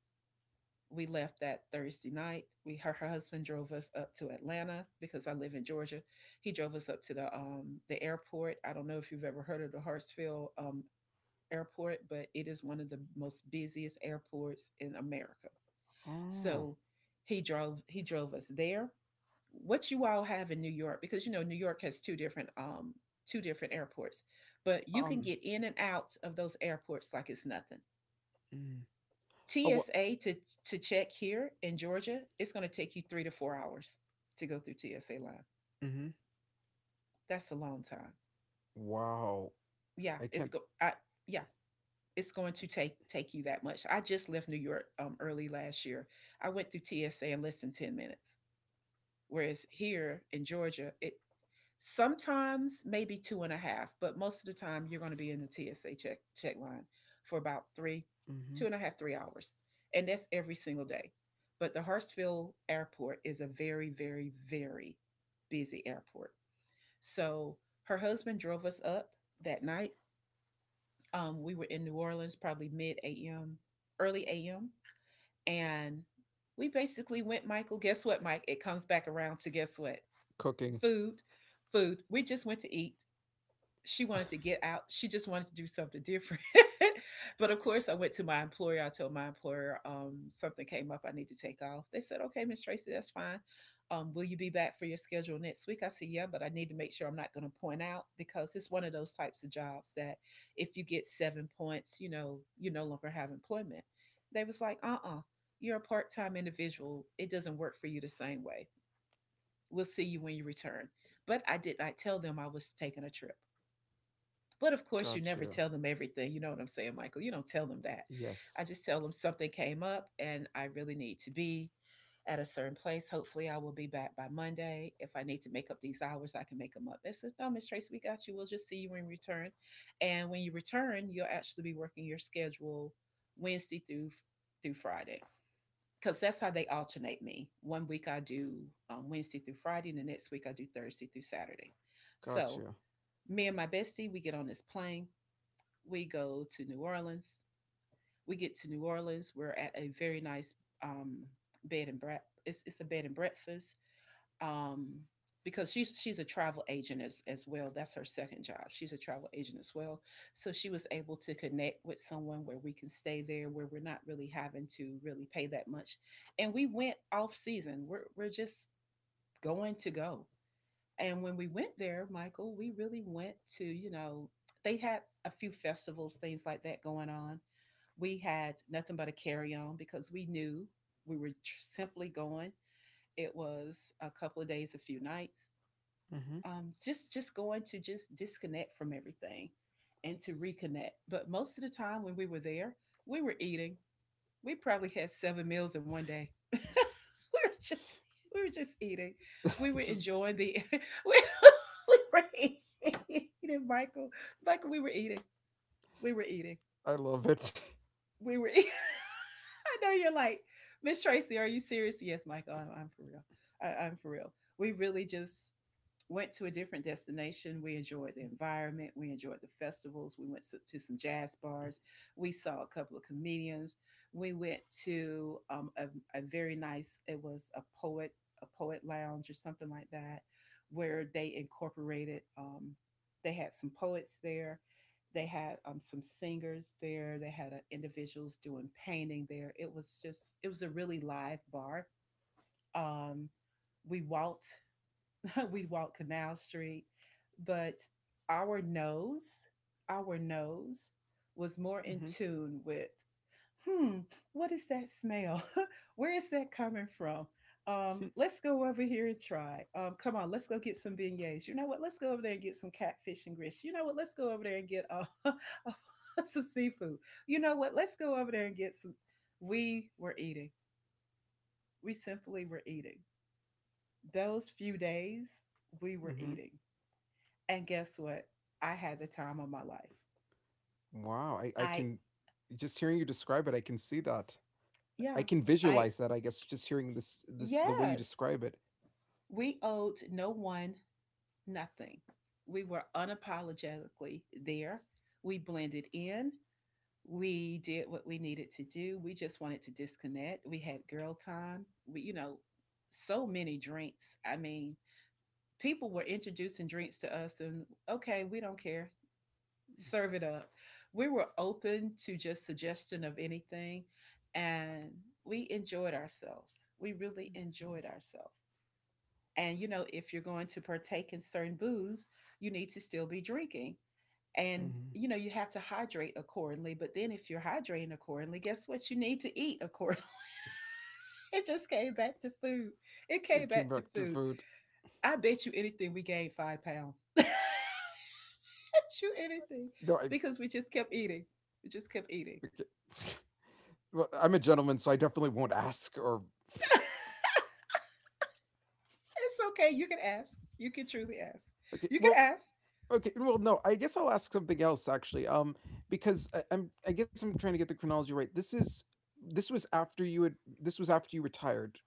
[SPEAKER 1] We left that Thursday night. We her, her husband drove us up to Atlanta because I live in Georgia. He drove us up to the um the airport. I don't know if you've ever heard of the Hartsfield um airport, but it is one of the most busiest airports in America.
[SPEAKER 2] Oh.
[SPEAKER 1] So he drove he drove us there. What you all have in New York, because you know New York has two different um two different airports, but you can get
[SPEAKER 2] Um.
[SPEAKER 1] in and out of those airports like it's nothing.
[SPEAKER 2] Mm. Oh. What?
[SPEAKER 1] T S A to to check here in Georgia, it's going to take you three to four hours to go through T S A line.
[SPEAKER 2] Mm-hmm.
[SPEAKER 1] That's a long time.
[SPEAKER 2] Wow.
[SPEAKER 1] Yeah,
[SPEAKER 2] I
[SPEAKER 1] it's go.
[SPEAKER 2] can't.
[SPEAKER 1] I yeah, it's going to take take you that much. I just left New York um, early last year. I went through T S A in less than ten minutes, whereas here in Georgia, it sometimes maybe two and a half, but most of the time you're going to be in the T S A check check line for about three, two
[SPEAKER 2] Mm-hmm.
[SPEAKER 1] and a half, three hours, and that's every single day. But the Hartsfield Airport is a very, very, very busy airport. So her husband drove us up that night. Um, we were in New Orleans probably mid A M, early A M, and we basically went. Michael, guess what, Mike? It comes back around to guess what?
[SPEAKER 2] Cooking.
[SPEAKER 1] Food, food. We just went to eat. She wanted to get out. She just wanted to do something different. But of course, I went to my employer. I told my employer um, something came up. I need to take off. They said, "Okay, Miss Tracy, that's fine. Um, will you be back for your schedule next week?" I said, "Yeah, but I need to make sure I'm not going to point out because it's one of those types of jobs that if you get seven points, you know you no longer have employment." They was like, "Uh-uh, you're a part-time individual. It doesn't work for you the same way. We'll see you when you return." But I did not tell them I was taking a trip. But of course, you never
[SPEAKER 2] Got
[SPEAKER 1] tell
[SPEAKER 2] you.
[SPEAKER 1] them everything. You know what I'm saying, Michael? You don't tell them that. I
[SPEAKER 2] Yes.
[SPEAKER 1] just tell them something came up and I really need to be at a certain place. Hopefully, I will be back by Monday. If I need to make up these hours, I can make them up. They says, No, Miss Tracy, we got you. We'll just see you when you return. And when you return, you'll actually be working your schedule Wednesday through through Friday. Because that's how they alternate me. One week I do um, Wednesday through Friday, and the next week I do Thursday through Saturday. So
[SPEAKER 2] Got you.
[SPEAKER 1] me and my bestie, we get on this plane, we go to New Orleans. We get to New Orleans. We're at a very nice um, bed and breakfast. It's, it's a bed and breakfast, um, because she's she's a travel agent as, as well. That's her second job. She's a travel agent as well. So she was able to connect with someone where we can stay there, where we're not really having to really pay that much. And we went off season. We're, we're just going to go, and when we went there, Michael, we really went to, you know, they had a few festivals, things like that going on. We had nothing but a carry on because we knew we were simply going. It was a couple of days, a few nights,
[SPEAKER 2] Mm-hmm.
[SPEAKER 1] um, just just going to just disconnect from everything and to reconnect. But most of the time when we were there, we were eating. We probably had seven meals in one day. We were just, we were just eating. We were
[SPEAKER 2] Just
[SPEAKER 1] enjoying the, we, we were eating, Michael. Michael, we were eating. We were eating,
[SPEAKER 2] I love it.
[SPEAKER 1] we were. I know you're like, Miss Tracy, are you serious? Yes, Michael. I'm, I'm for real. I, I'm for real. We really just went to a different destination. We enjoyed the environment. We enjoyed the festivals. We went to, to some jazz bars. We saw a couple of comedians. We went to um, a, a very nice, it was a poet a poet lounge or something like that, where they incorporated. Um, they had some poets there, they had um, some singers there. They had uh, individuals doing painting there. It was just, it was a really live bar. Um, we walked, we walked Canal Street, but our nose, our nose was more in
[SPEAKER 2] Mm-hmm.
[SPEAKER 1] tune with hmm, what is that smell? Where is that coming from? Um, let's go over here and try. Um, come on, let's go get some beignets. You know what? Let's go over there and get some catfish and grits. You know what? Let's go over there and get uh, some seafood. You know what? Let's go over there and get some. We were eating. We simply were eating. Those few days, we were
[SPEAKER 2] Mm-hmm.
[SPEAKER 1] eating. And guess what? I had the time of my life.
[SPEAKER 2] Wow, I, I
[SPEAKER 1] I,
[SPEAKER 2] can just hearing you describe it, I can see that. I
[SPEAKER 1] yeah,
[SPEAKER 2] can
[SPEAKER 1] I,
[SPEAKER 2] visualize that, I guess, just hearing this this the way you
[SPEAKER 1] yes,
[SPEAKER 2] describe it.
[SPEAKER 1] we owed no one nothing. We were unapologetically there. We blended in. We did what we needed to do. We just wanted to disconnect. We had girl time. We, you know, so many drinks. I mean, people were introducing drinks to us, and okay, we don't care. Serve it up. We were open to just suggestion of anything, and we enjoyed ourselves. We really enjoyed ourselves. And you know, if you're going to partake in certain booze, you need to still be drinking. And
[SPEAKER 2] Hmm.
[SPEAKER 1] you know, you have to hydrate accordingly. But then if you're hydrating accordingly, guess what? You need to eat accordingly. It just came back to food. It came
[SPEAKER 2] It
[SPEAKER 1] back
[SPEAKER 2] came
[SPEAKER 1] to
[SPEAKER 2] back to
[SPEAKER 1] food.
[SPEAKER 2] food.
[SPEAKER 1] I bet you anything we gained five pounds. I bet you anything.
[SPEAKER 2] No, I
[SPEAKER 1] Because we just kept eating. We just kept eating.
[SPEAKER 2] okay. Well, I'm a gentleman, so I definitely won't ask or
[SPEAKER 1] It's okay. You can ask. You can truly ask.
[SPEAKER 2] okay.
[SPEAKER 1] You can
[SPEAKER 2] Well,
[SPEAKER 1] ask.
[SPEAKER 2] okay. Well, no, I guess I'll ask something else actually. Um, because I, I'm I guess I'm trying to get the chronology right. This is this was after you had this was after you retired.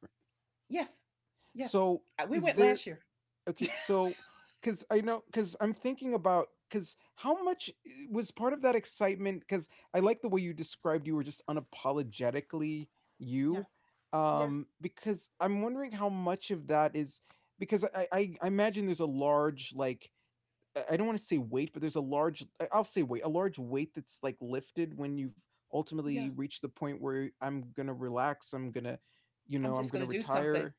[SPEAKER 1] Yes. Yes.
[SPEAKER 2] So,
[SPEAKER 1] Uh, We
[SPEAKER 2] is
[SPEAKER 1] went
[SPEAKER 2] there...
[SPEAKER 1] last year.
[SPEAKER 2] Okay, so because I know, because I'm thinking about, because how much i- was part of that excitement? Because I like the way you described you were just unapologetically
[SPEAKER 1] Yeah.
[SPEAKER 2] you.
[SPEAKER 1] Yes.
[SPEAKER 2] Um, because I'm wondering how much of that is because I I, I imagine there's a large, like, I I don't want to say weight, but there's a large I- I'll say weight, a large weight that's like lifted when you've
[SPEAKER 1] Yeah.
[SPEAKER 2] ultimately reached the point where I'm gonna relax. I'm gonna, you
[SPEAKER 1] I'm
[SPEAKER 2] know, I'm
[SPEAKER 1] just going
[SPEAKER 2] gonna
[SPEAKER 1] to do something.
[SPEAKER 2] retire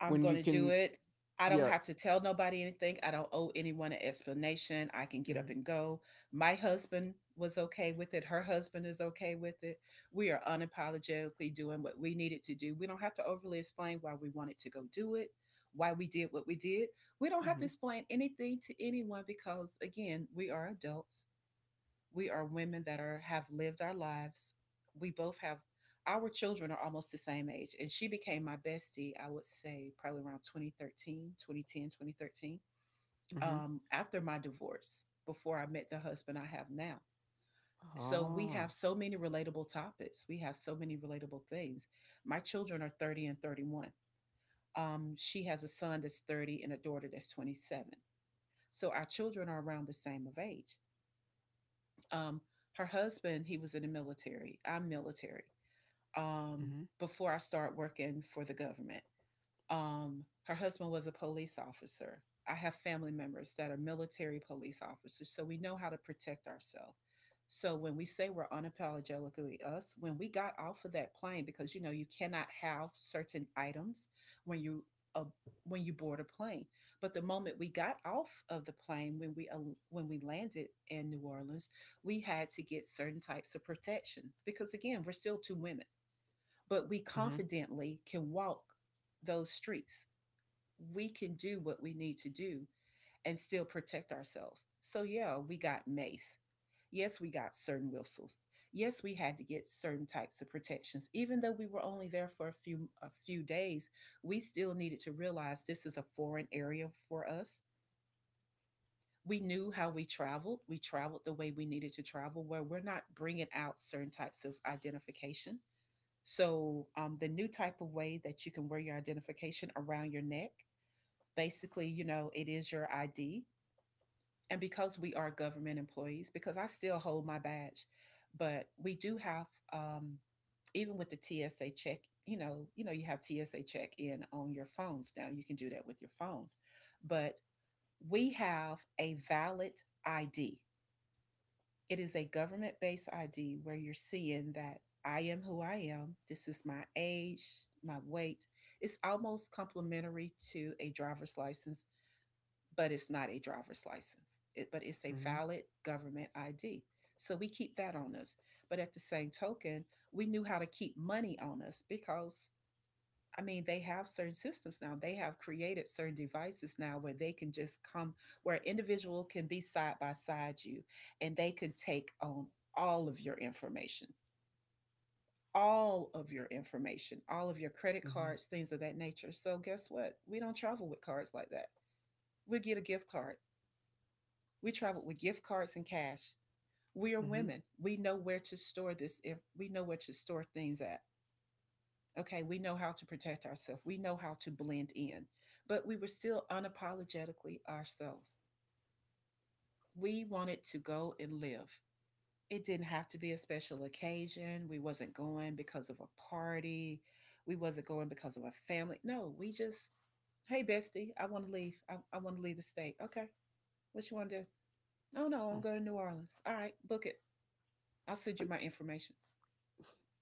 [SPEAKER 1] I'm
[SPEAKER 2] when
[SPEAKER 1] going
[SPEAKER 2] you
[SPEAKER 1] to do
[SPEAKER 2] can.
[SPEAKER 1] it. I don't
[SPEAKER 2] Yeah.
[SPEAKER 1] have to tell nobody anything. I don't owe anyone an explanation. I can get up
[SPEAKER 2] Mhm.
[SPEAKER 1] and go. My husband was okay with it. Her husband is okay with it. We are unapologetically doing what we needed to do. We don't have to overly explain why we wanted to go do it, why we did what we did. We don't have to
[SPEAKER 2] Mhm.
[SPEAKER 1] explain anything to anyone because, again, we are adults, we are women that are have lived our lives. We both have, our children are almost the same age, and she became my bestie. I would say probably around twenty thirteen, twenty ten, twenty thirteen,
[SPEAKER 2] Mhm.
[SPEAKER 1] um, after my divorce, before I met the husband I have now. So we
[SPEAKER 2] Ah.
[SPEAKER 1] have so many relatable topics, we have so many relatable things. My children are thirty and thirty-one. Um, she has a son that's thirty and a daughter that's twenty-seven, so our children are around the same of age. Um, Her husband, he was in the military. I'm military. Um,
[SPEAKER 2] Mhm.
[SPEAKER 1] before I started working for the government. Um, her husband was a police officer. I have family members that are military police officers, so we know how to protect ourselves. So when we say we're unapologetically us, when we got off of that plane, because you know you cannot have certain items when you, uh, when you board a plane. But the moment we got off of the plane, when we uh, when we landed in New Orleans, we had to get certain types of protections because again, we're still two women, but we
[SPEAKER 2] Mhm.
[SPEAKER 1] confidently can walk those streets, we can do what we need to do and still protect ourselves. So, yeah, we got mace. Yes, we got certain whistles. Yes, we had to get certain types of protections. Even though we were only there for a few a few days, we still needed to realize this is a foreign area for us. We knew how we traveled. We traveled the way we needed to travel, where we're not bringing out certain types of identification. So, um, the new type of way that you can wear your identification around your neck. Basically, you know, it is your I D. And because we are government employees, because I still hold my badge, but we do have, um, even with the T S A check, you know, you know, you have T S A check in on your phones now. You can do that with your phones, but we have a valid I D. It is a government based I D where you're seeing that I am who I am. This is my age, my weight. It's almost complementary to a driver's license, but it's not a driver's license. It, but it's a
[SPEAKER 2] Mhm.
[SPEAKER 1] valid government I D. So we keep that on us. But at the same token, we knew how to keep money on us because, I mean, they have certain systems now. They have created certain devices now where they can just come, where an individual can be side by side you and they can take on all of your information, all of your information, all of your credit
[SPEAKER 2] Mhm.
[SPEAKER 1] cards, things of that nature. So guess what? We don't travel with cards like that. We get a gift card. We traveled with gift cards and cash. We are
[SPEAKER 2] Mhm.
[SPEAKER 1] women. We know where to store this. If we know where to store things at, okay, we know how to protect ourselves. We know how to blend in, but we were still unapologetically ourselves. We wanted to go and live. It didn't have to be a special occasion. We wasn't going because of a party. We wasn't going because of a family. No, we just, hey, bestie, I want to leave. I, I want to leave the state. Okay, what you want to do? Oh no, I'm
[SPEAKER 2] Oh,
[SPEAKER 1] going to New Orleans. All right, book it. I'll send you
[SPEAKER 2] I
[SPEAKER 1] my information.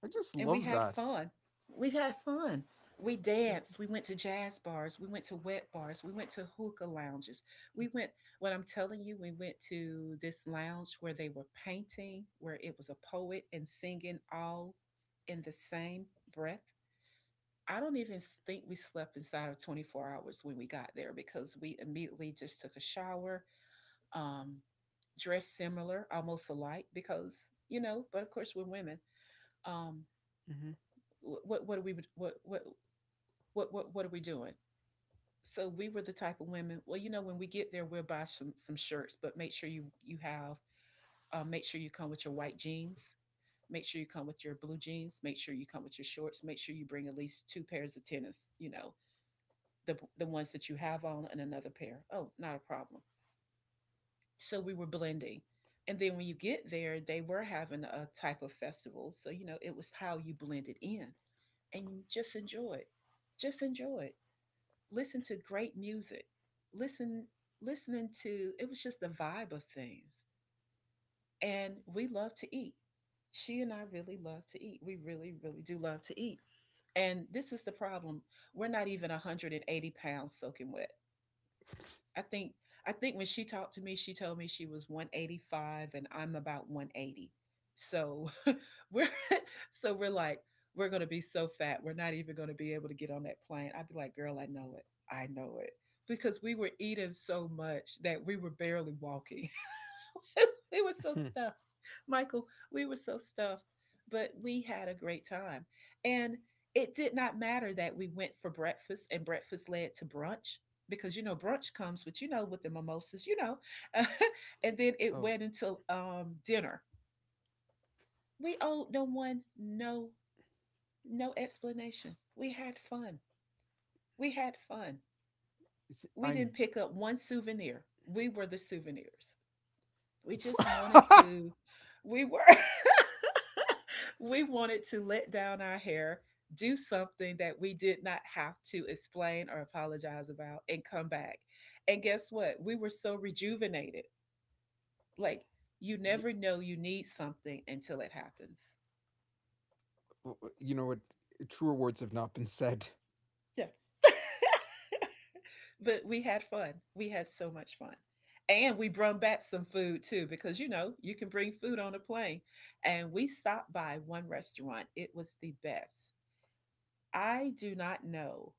[SPEAKER 2] I just
[SPEAKER 1] And we
[SPEAKER 2] love
[SPEAKER 1] had
[SPEAKER 2] that.
[SPEAKER 1] fun. We had fun. We
[SPEAKER 2] Mm.
[SPEAKER 1] danced. We went to jazz bars. We went to wet bars. We went to hookah lounges. We went, what I'm telling you, we went to this lounge where they were painting, where it was a poet and singing all in the same breath. I don't even think we slept inside of twenty-four hours when we got there because we immediately just took a shower, um, dressed similar, almost alike, because, you know, but of course we're women. Um,
[SPEAKER 2] Mhm.
[SPEAKER 1] what what are we what what what what what are we doing? So we were the type of women. Well, you know, when we get there, we'll buy some some shirts, but make sure you you have, uh, make sure you come with your white jeans. Make sure you come with your blue jeans. Make sure you come with your shorts. Make sure you bring at least two pairs of tennis. You know, the the ones that you have on and another pair. Oh, not a problem. So we were blending. And then when you get there, they were having a type of festival. So, you know, it was how you blended in and you just enjoy it. Just enjoy it. Listen to great music, listen listening to it was just the vibe of things. And we love to eat. She and I really love to eat. We really, really do love to eat. And this is the problem. We're not even one hundred eighty pounds soaking wet. I think I think when she talked to me, she told me she was one eighty-five and I'm about one eighty. So we're so we're like we're going to be so fat. We're not even going to be able to get on that plane. I'd be like, "Girl, I know it. I know it." Because we were eating so much that we were barely walking. we were so stuffed. Michael, we were so stuffed, but we had a great time. And it did not matter that we went for breakfast and breakfast led to brunch because you know brunch comes with you know with the mimosas, you know. and then it
[SPEAKER 2] Um,
[SPEAKER 1] went into um dinner. We owed no one no no explanation. We had fun. We had fun.
[SPEAKER 2] i
[SPEAKER 1] We
[SPEAKER 2] I'm
[SPEAKER 1] didn't pick up one souvenir. We were the souvenirs. We just wanted to, we were, we wanted to let down our hair, do something that we did not have to explain or apologize about, and come back. And guess what? We were so rejuvenated. Like, you
[SPEAKER 2] Y-
[SPEAKER 1] never know you need something until it happens.
[SPEAKER 2] w- w- you know what? Truer words have not been said.
[SPEAKER 1] Yeah. But we had fun. We had so much fun. And we brought back some food too, because you know, you can bring food on a plane. And we stopped by one restaurant. It was the best. I do not know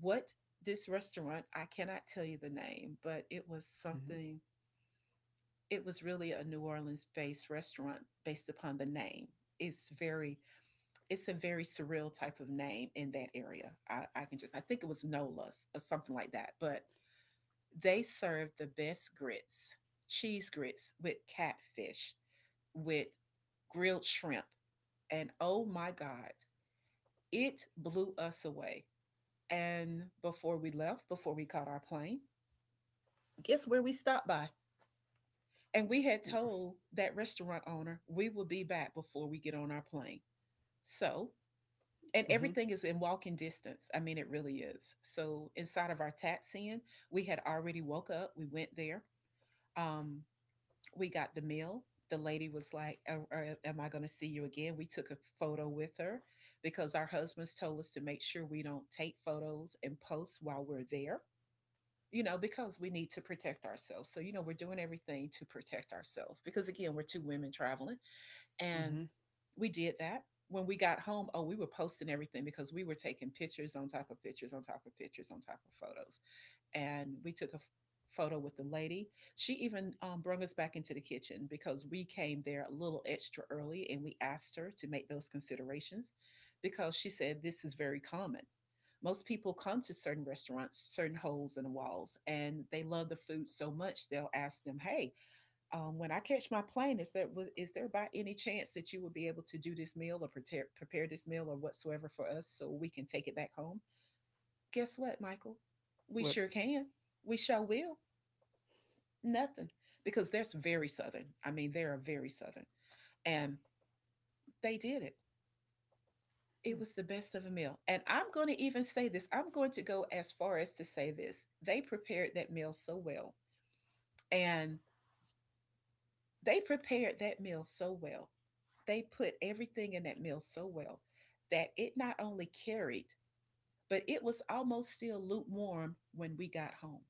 [SPEAKER 1] what this restaurant, I cannot tell you the name, but it was
[SPEAKER 2] Mhm.
[SPEAKER 1] something, it was really a New Orleans based restaurant based upon the name. It's very, it's a very surreal type of name in that area. I, I can just, I think it was Nola's or something like that, but they serve the best grits, cheese grits with catfish, with grilled shrimp. And oh my God, it blew us away. And before we left, before we caught our plane, guess where we stopped by? And we had
[SPEAKER 2] W-
[SPEAKER 1] told that restaurant owner we will be back before we get on our plane. So, and
[SPEAKER 2] Mhm.
[SPEAKER 1] everything is in walking distance. I mean, it really is. So, inside of our taxiing, we had already woke up. We went there. Um, we got the meal. The lady was like, "Er, er, Am I going to see you again?" We took a photo with her because our husbands told us to make sure we don't take photos and post while we're there, you know, because we need to protect ourselves. So, you know, we're doing everything to protect ourselves because, again, we're two women traveling and
[SPEAKER 2] Mhm.
[SPEAKER 1] we did that. When we got home, oh, we were posting everything because we were taking pictures on top of pictures on top of pictures on top of photos. And we took a f- photo with the lady. She even um, brought us back into the kitchen because we came there a little extra early and we asked her to make those considerations because she said this is very common. Most people come to certain restaurants, certain holes in the walls, and they love the food so much they'll ask them, hey, um, when I catch my plane, is there is there by any chance that you would be able to do this meal or prepare prepare this meal or whatsoever for us so we can take it back home? Guess what, Michael? We
[SPEAKER 2] What?
[SPEAKER 1] sure can. We sure will. Nothing because that's very southern. I mean, they are very southern, and they did it.
[SPEAKER 2] Mm.
[SPEAKER 1] It was the best of a meal, and I'm going to even say this. I'm going to go as far as to say this. They prepared that meal so well, and they prepared that meal so well. They put everything in that meal so well that it not only carried, but it was almost still lukewarm when we got home.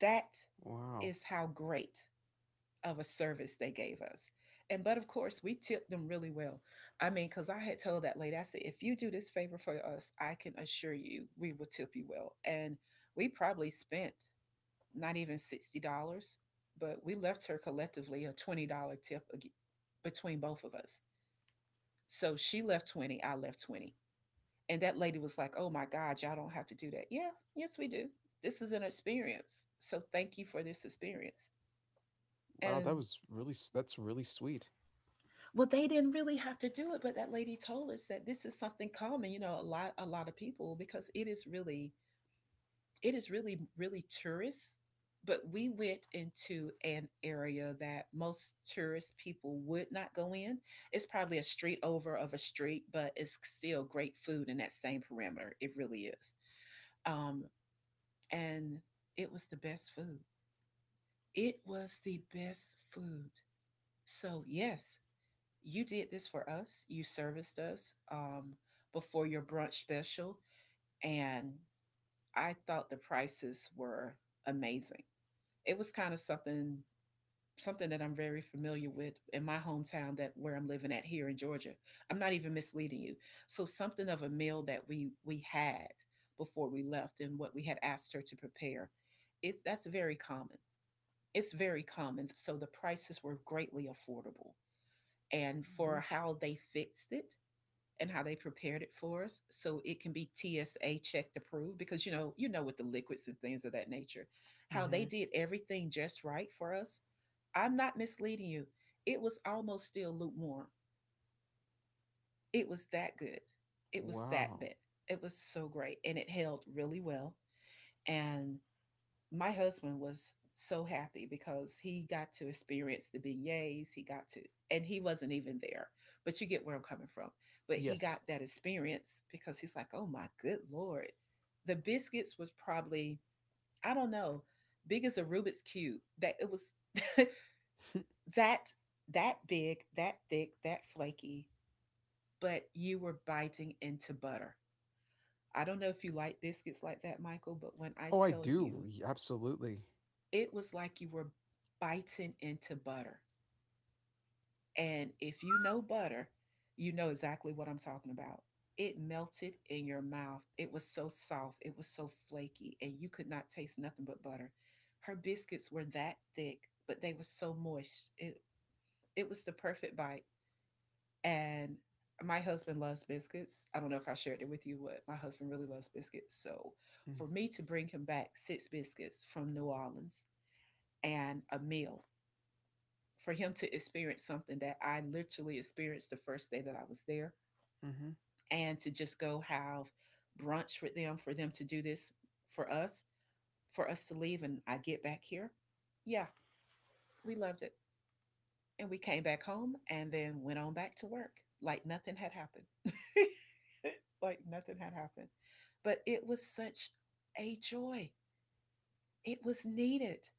[SPEAKER 1] That
[SPEAKER 2] Wow.
[SPEAKER 1] is how great of a service they gave us. And but of course, we tipped them really well. I mean, because I had told that lady, I said, if you do this favor for us, I can assure you we will tip you well. And we probably spent not even sixty dollars but we left her collectively a twenty dollars tip between both of us. So she left twenty, I left twenty. And that lady was like, oh my God, y'all don't have to do that. Yeah, yes, we do. This is an experience. So thank you for this experience.
[SPEAKER 2] Wow, that
[SPEAKER 1] And
[SPEAKER 2] was really s- that's really sweet.
[SPEAKER 1] well, they didn't really have to do it, but that lady told us that this is something common, you know, a lot, a lot of people, because it is really it is really, really tourist. But we went into an area that most tourist people would not go in. It's probably a street over of a street, but it's still great food in that same parameter. It really is. Um, and it was the best food. It was the best food. So, yes, you did this for us. You serviced us um, before your brunch special. And I thought the prices were amazing. It was kind of something something that I'm very familiar with in my hometown that where I'm living at here in Georgia. I'm not even misleading you. So something of a meal that we we had before we left and what we had asked her to prepare. It's that's very common. It's very common. So the prices were greatly affordable. And
[SPEAKER 2] Mhm.
[SPEAKER 1] for how they fixed it, and how they prepared it for us so it can be T S A checked approved because you know you know with the liquids and things of that nature, how they
[SPEAKER 2] Mhm.
[SPEAKER 1] did everything just right for us. I'm not misleading you, it was almost still lukewarm, it was that good, it was that
[SPEAKER 2] Wow.
[SPEAKER 1] bit, it was so great and it held really well. And my husband was so happy because he got to experience the beignets. He got to, and he wasn't even there, but you get where I'm coming from. But he got
[SPEAKER 2] Yes.
[SPEAKER 1] that experience because he's like, oh my good Lord. The biscuits was probably, I don't know, big as a Rubik's Cube. That it was that that big, that thick, that flaky, but you were biting into butter. I don't know if you like biscuits like that, Michael, but when I
[SPEAKER 2] Oh, I
[SPEAKER 1] tell
[SPEAKER 2] do.
[SPEAKER 1] you
[SPEAKER 2] Y- Absolutely.
[SPEAKER 1] it was like you were biting into butter. And if you know butter, you know exactly what I'm talking about. It melted in your mouth. It was so soft, it was so flaky, and you could not taste nothing but butter. Her biscuits were that thick, but they were so moist. It it was the perfect bite. And my husband loves biscuits. I don't know if I shared it with you, but my husband really loves biscuits. So for
[SPEAKER 2] Mm.
[SPEAKER 1] me to bring him back six biscuits from New Orleans and a meal for him to experience something that I literally experienced the first day that I was there,
[SPEAKER 2] Mhm.
[SPEAKER 1] and to just go have brunch with them for them to do this for us, for us to leave and I get back here. Yeah, we loved it. And we came back home and then went on back to work like nothing had happened. like nothing had happened. But it was such a joy. It was needed.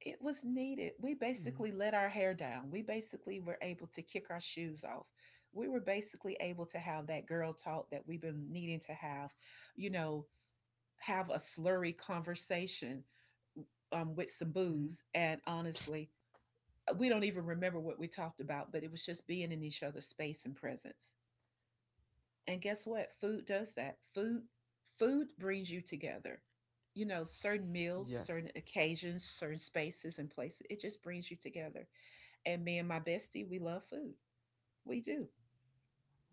[SPEAKER 1] It was needed. We
[SPEAKER 2] Mhm.
[SPEAKER 1] basically let our hair down. We basically were able to kick our shoes off. We were basically able to have that girl talk that we've been needing to have, you know, have a slurry conversation um, with some
[SPEAKER 2] Mhm.
[SPEAKER 1] booze. And honestly, we don't even remember what we talked about, but it was just being in each other's space and presence. And guess what? Food does that. Food food brings you together. You know, certain meals, certain
[SPEAKER 2] Yes.
[SPEAKER 1] occasions, certain spaces and places, it just brings you together. And me and my bestie, we love food. We do.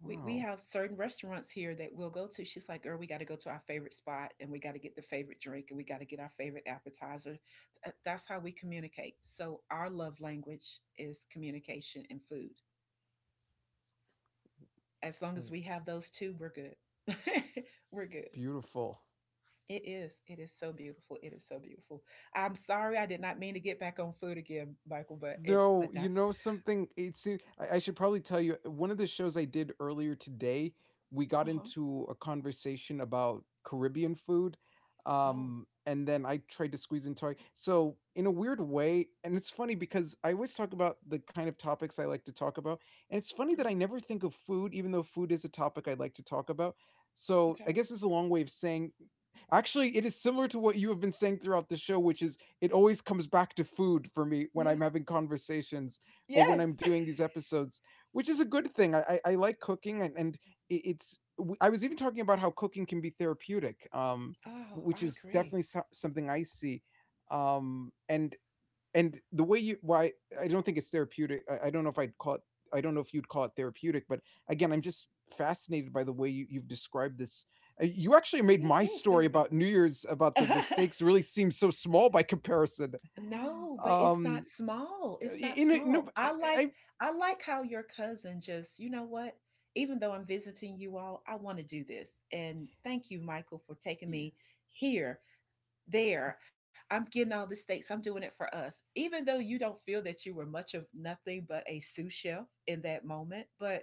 [SPEAKER 1] We, we
[SPEAKER 2] Wow.
[SPEAKER 1] have certain restaurants here that we'll go to. She's like, girl, we got to go to our favorite spot and we got to get the favorite drink and we got to get our favorite appetizer. Th- That's how we communicate. So, our love language is communication and food. As long as
[SPEAKER 2] W-
[SPEAKER 1] we have those two, we're good. we're good.
[SPEAKER 2] Beautiful.
[SPEAKER 1] It is. It is so beautiful. It is so beautiful. I'm sorry, I did not mean to get back on food again, Michael, but it's
[SPEAKER 2] No,
[SPEAKER 1] but
[SPEAKER 2] you
[SPEAKER 1] that's
[SPEAKER 2] know something? It seems I, I should probably tell you one of the shows I did earlier today. We got
[SPEAKER 1] uh-huh.
[SPEAKER 2] into a conversation about Caribbean food,
[SPEAKER 1] Oh,
[SPEAKER 2] um, and then I tried to squeeze into it. So in a weird way, and it's funny because I always talk about the kind of topics I like to talk about, and it's funny that
[SPEAKER 1] uh-huh.
[SPEAKER 2] I never think of food, even though food is a topic I like to talk about. So I
[SPEAKER 1] Okay.
[SPEAKER 2] guess it's a long way of saying. Actually, it is similar to what you have been saying throughout the show, which is it always comes back to food for me when
[SPEAKER 1] Yeah.
[SPEAKER 2] I'm having conversations or when I'm
[SPEAKER 1] Yes.
[SPEAKER 2] doing these episodes, which is a good thing. I I, I like cooking, and and it's. I was even talking about how cooking can be therapeutic, um,
[SPEAKER 1] Oh,
[SPEAKER 2] which
[SPEAKER 1] I
[SPEAKER 2] is
[SPEAKER 1] agree.
[SPEAKER 2] definitely so- something I see. Um, and and the way you why I don't think it's therapeutic. I, I don't know if I'd call it. I don't know if you'd call it therapeutic, but again, I'm just fascinated by the way you, you've described this. Uh, You actually made
[SPEAKER 1] It
[SPEAKER 2] my
[SPEAKER 1] is
[SPEAKER 2] story
[SPEAKER 1] therapy.
[SPEAKER 2] about New Year's about the the stakes really seem so small by comparison.
[SPEAKER 1] No, but it's not
[SPEAKER 2] Um,
[SPEAKER 1] small. It's not
[SPEAKER 2] in a, no,
[SPEAKER 1] small.
[SPEAKER 2] I,
[SPEAKER 1] I
[SPEAKER 2] I
[SPEAKER 1] like
[SPEAKER 2] I-
[SPEAKER 1] I like how your cousin just, you know what? Even though I'm visiting you all, I want to do this. And thank you, Michael, for taking
[SPEAKER 2] yes.
[SPEAKER 1] me here, there. I'm getting all the steaks, I'm doing it for us, even though you
[SPEAKER 2] hmm
[SPEAKER 1] don't feel that you were much of nothing but a sous chef in that moment.
[SPEAKER 2] hmm
[SPEAKER 1] But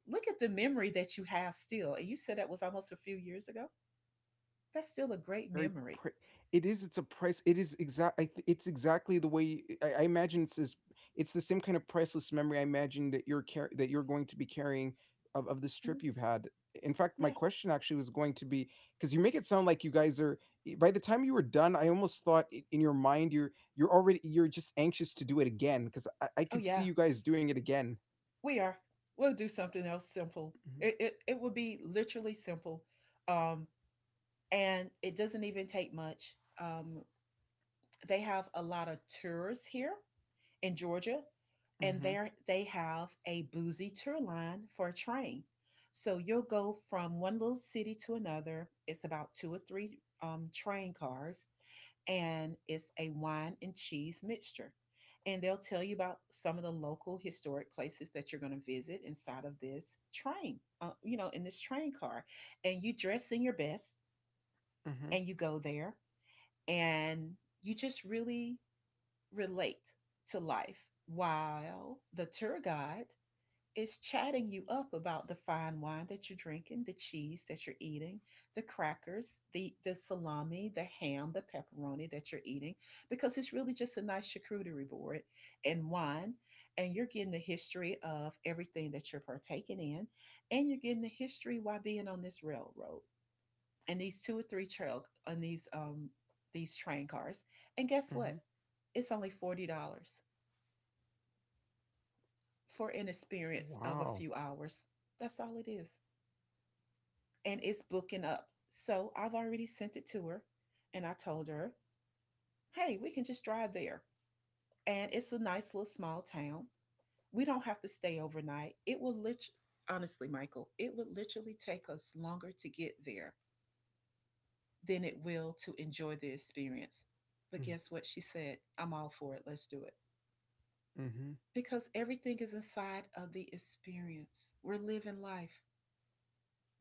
[SPEAKER 1] look at the memory that you have still, and you said that was almost a few
[SPEAKER 2] yes.
[SPEAKER 1] years ago.
[SPEAKER 2] Yeah, i-
[SPEAKER 1] That's
[SPEAKER 2] yeah,
[SPEAKER 1] still a
[SPEAKER 2] it's a
[SPEAKER 1] great
[SPEAKER 2] very
[SPEAKER 1] memory.
[SPEAKER 2] pri it is, it's a price it is exact I th it's exactly the way I I imagine it's is. It's the same kind of priceless memory I imagine that you're car that you're going to be carrying of of this
[SPEAKER 1] Mhm.
[SPEAKER 2] trip you've had. In fact, my
[SPEAKER 1] Yeah.
[SPEAKER 2] question actually was going to be, because you make it sound like you guys are i- by the time you were done, I almost thought i- in your mind you're you're already, you're just anxious to do it again, because I, I
[SPEAKER 1] Oh
[SPEAKER 2] could see
[SPEAKER 1] yeah,
[SPEAKER 2] you guys doing it again.
[SPEAKER 1] we are. We'll do something else simple. It, it, it will be literally simple, um, and it doesn't even take much. um, they have a lot of tours here in Georgia,
[SPEAKER 2] Mhm,
[SPEAKER 1] and
[SPEAKER 2] mhm,
[SPEAKER 1] there they have a boozy tour line for a train. So you'll go from one little city to another. It's about two or three um, train cars, and it's a wine and cheese mixture. And they'll tell you about some of the local historic places that you're going to visit inside of this train, uh, you know, in this train car. And you dress in your best
[SPEAKER 2] mhm,
[SPEAKER 1] and you go there, and you just really relate to life while the tour guide is chatting you up about the fine wine that you're drinking, the cheese that you're eating, the crackers, the, the salami, the ham, the pepperoni that you're eating, because it's really just a nice charcuterie board and wine. And you're getting the history of everything that you're partaking in, and you're getting the history why being on this railroad and these two or three trail on these um these train cars. And guess
[SPEAKER 2] mhm.
[SPEAKER 1] what? It's only forty dollars for an experience of a
[SPEAKER 2] Wow.
[SPEAKER 1] few hours. That's all it is. And it's booking up. So I've already sent it to her, and I told her, hey, we can just drive there. And it's a nice little small town. We don't have to stay overnight. It will literally, honestly, Michael, it would literally take us longer to get there than it will to enjoy the experience. But
[SPEAKER 2] Mm,
[SPEAKER 1] guess what? She said, I'm all for it. Let's do it.
[SPEAKER 2] mhm,
[SPEAKER 1] Because everything is inside of the experience. We're living life.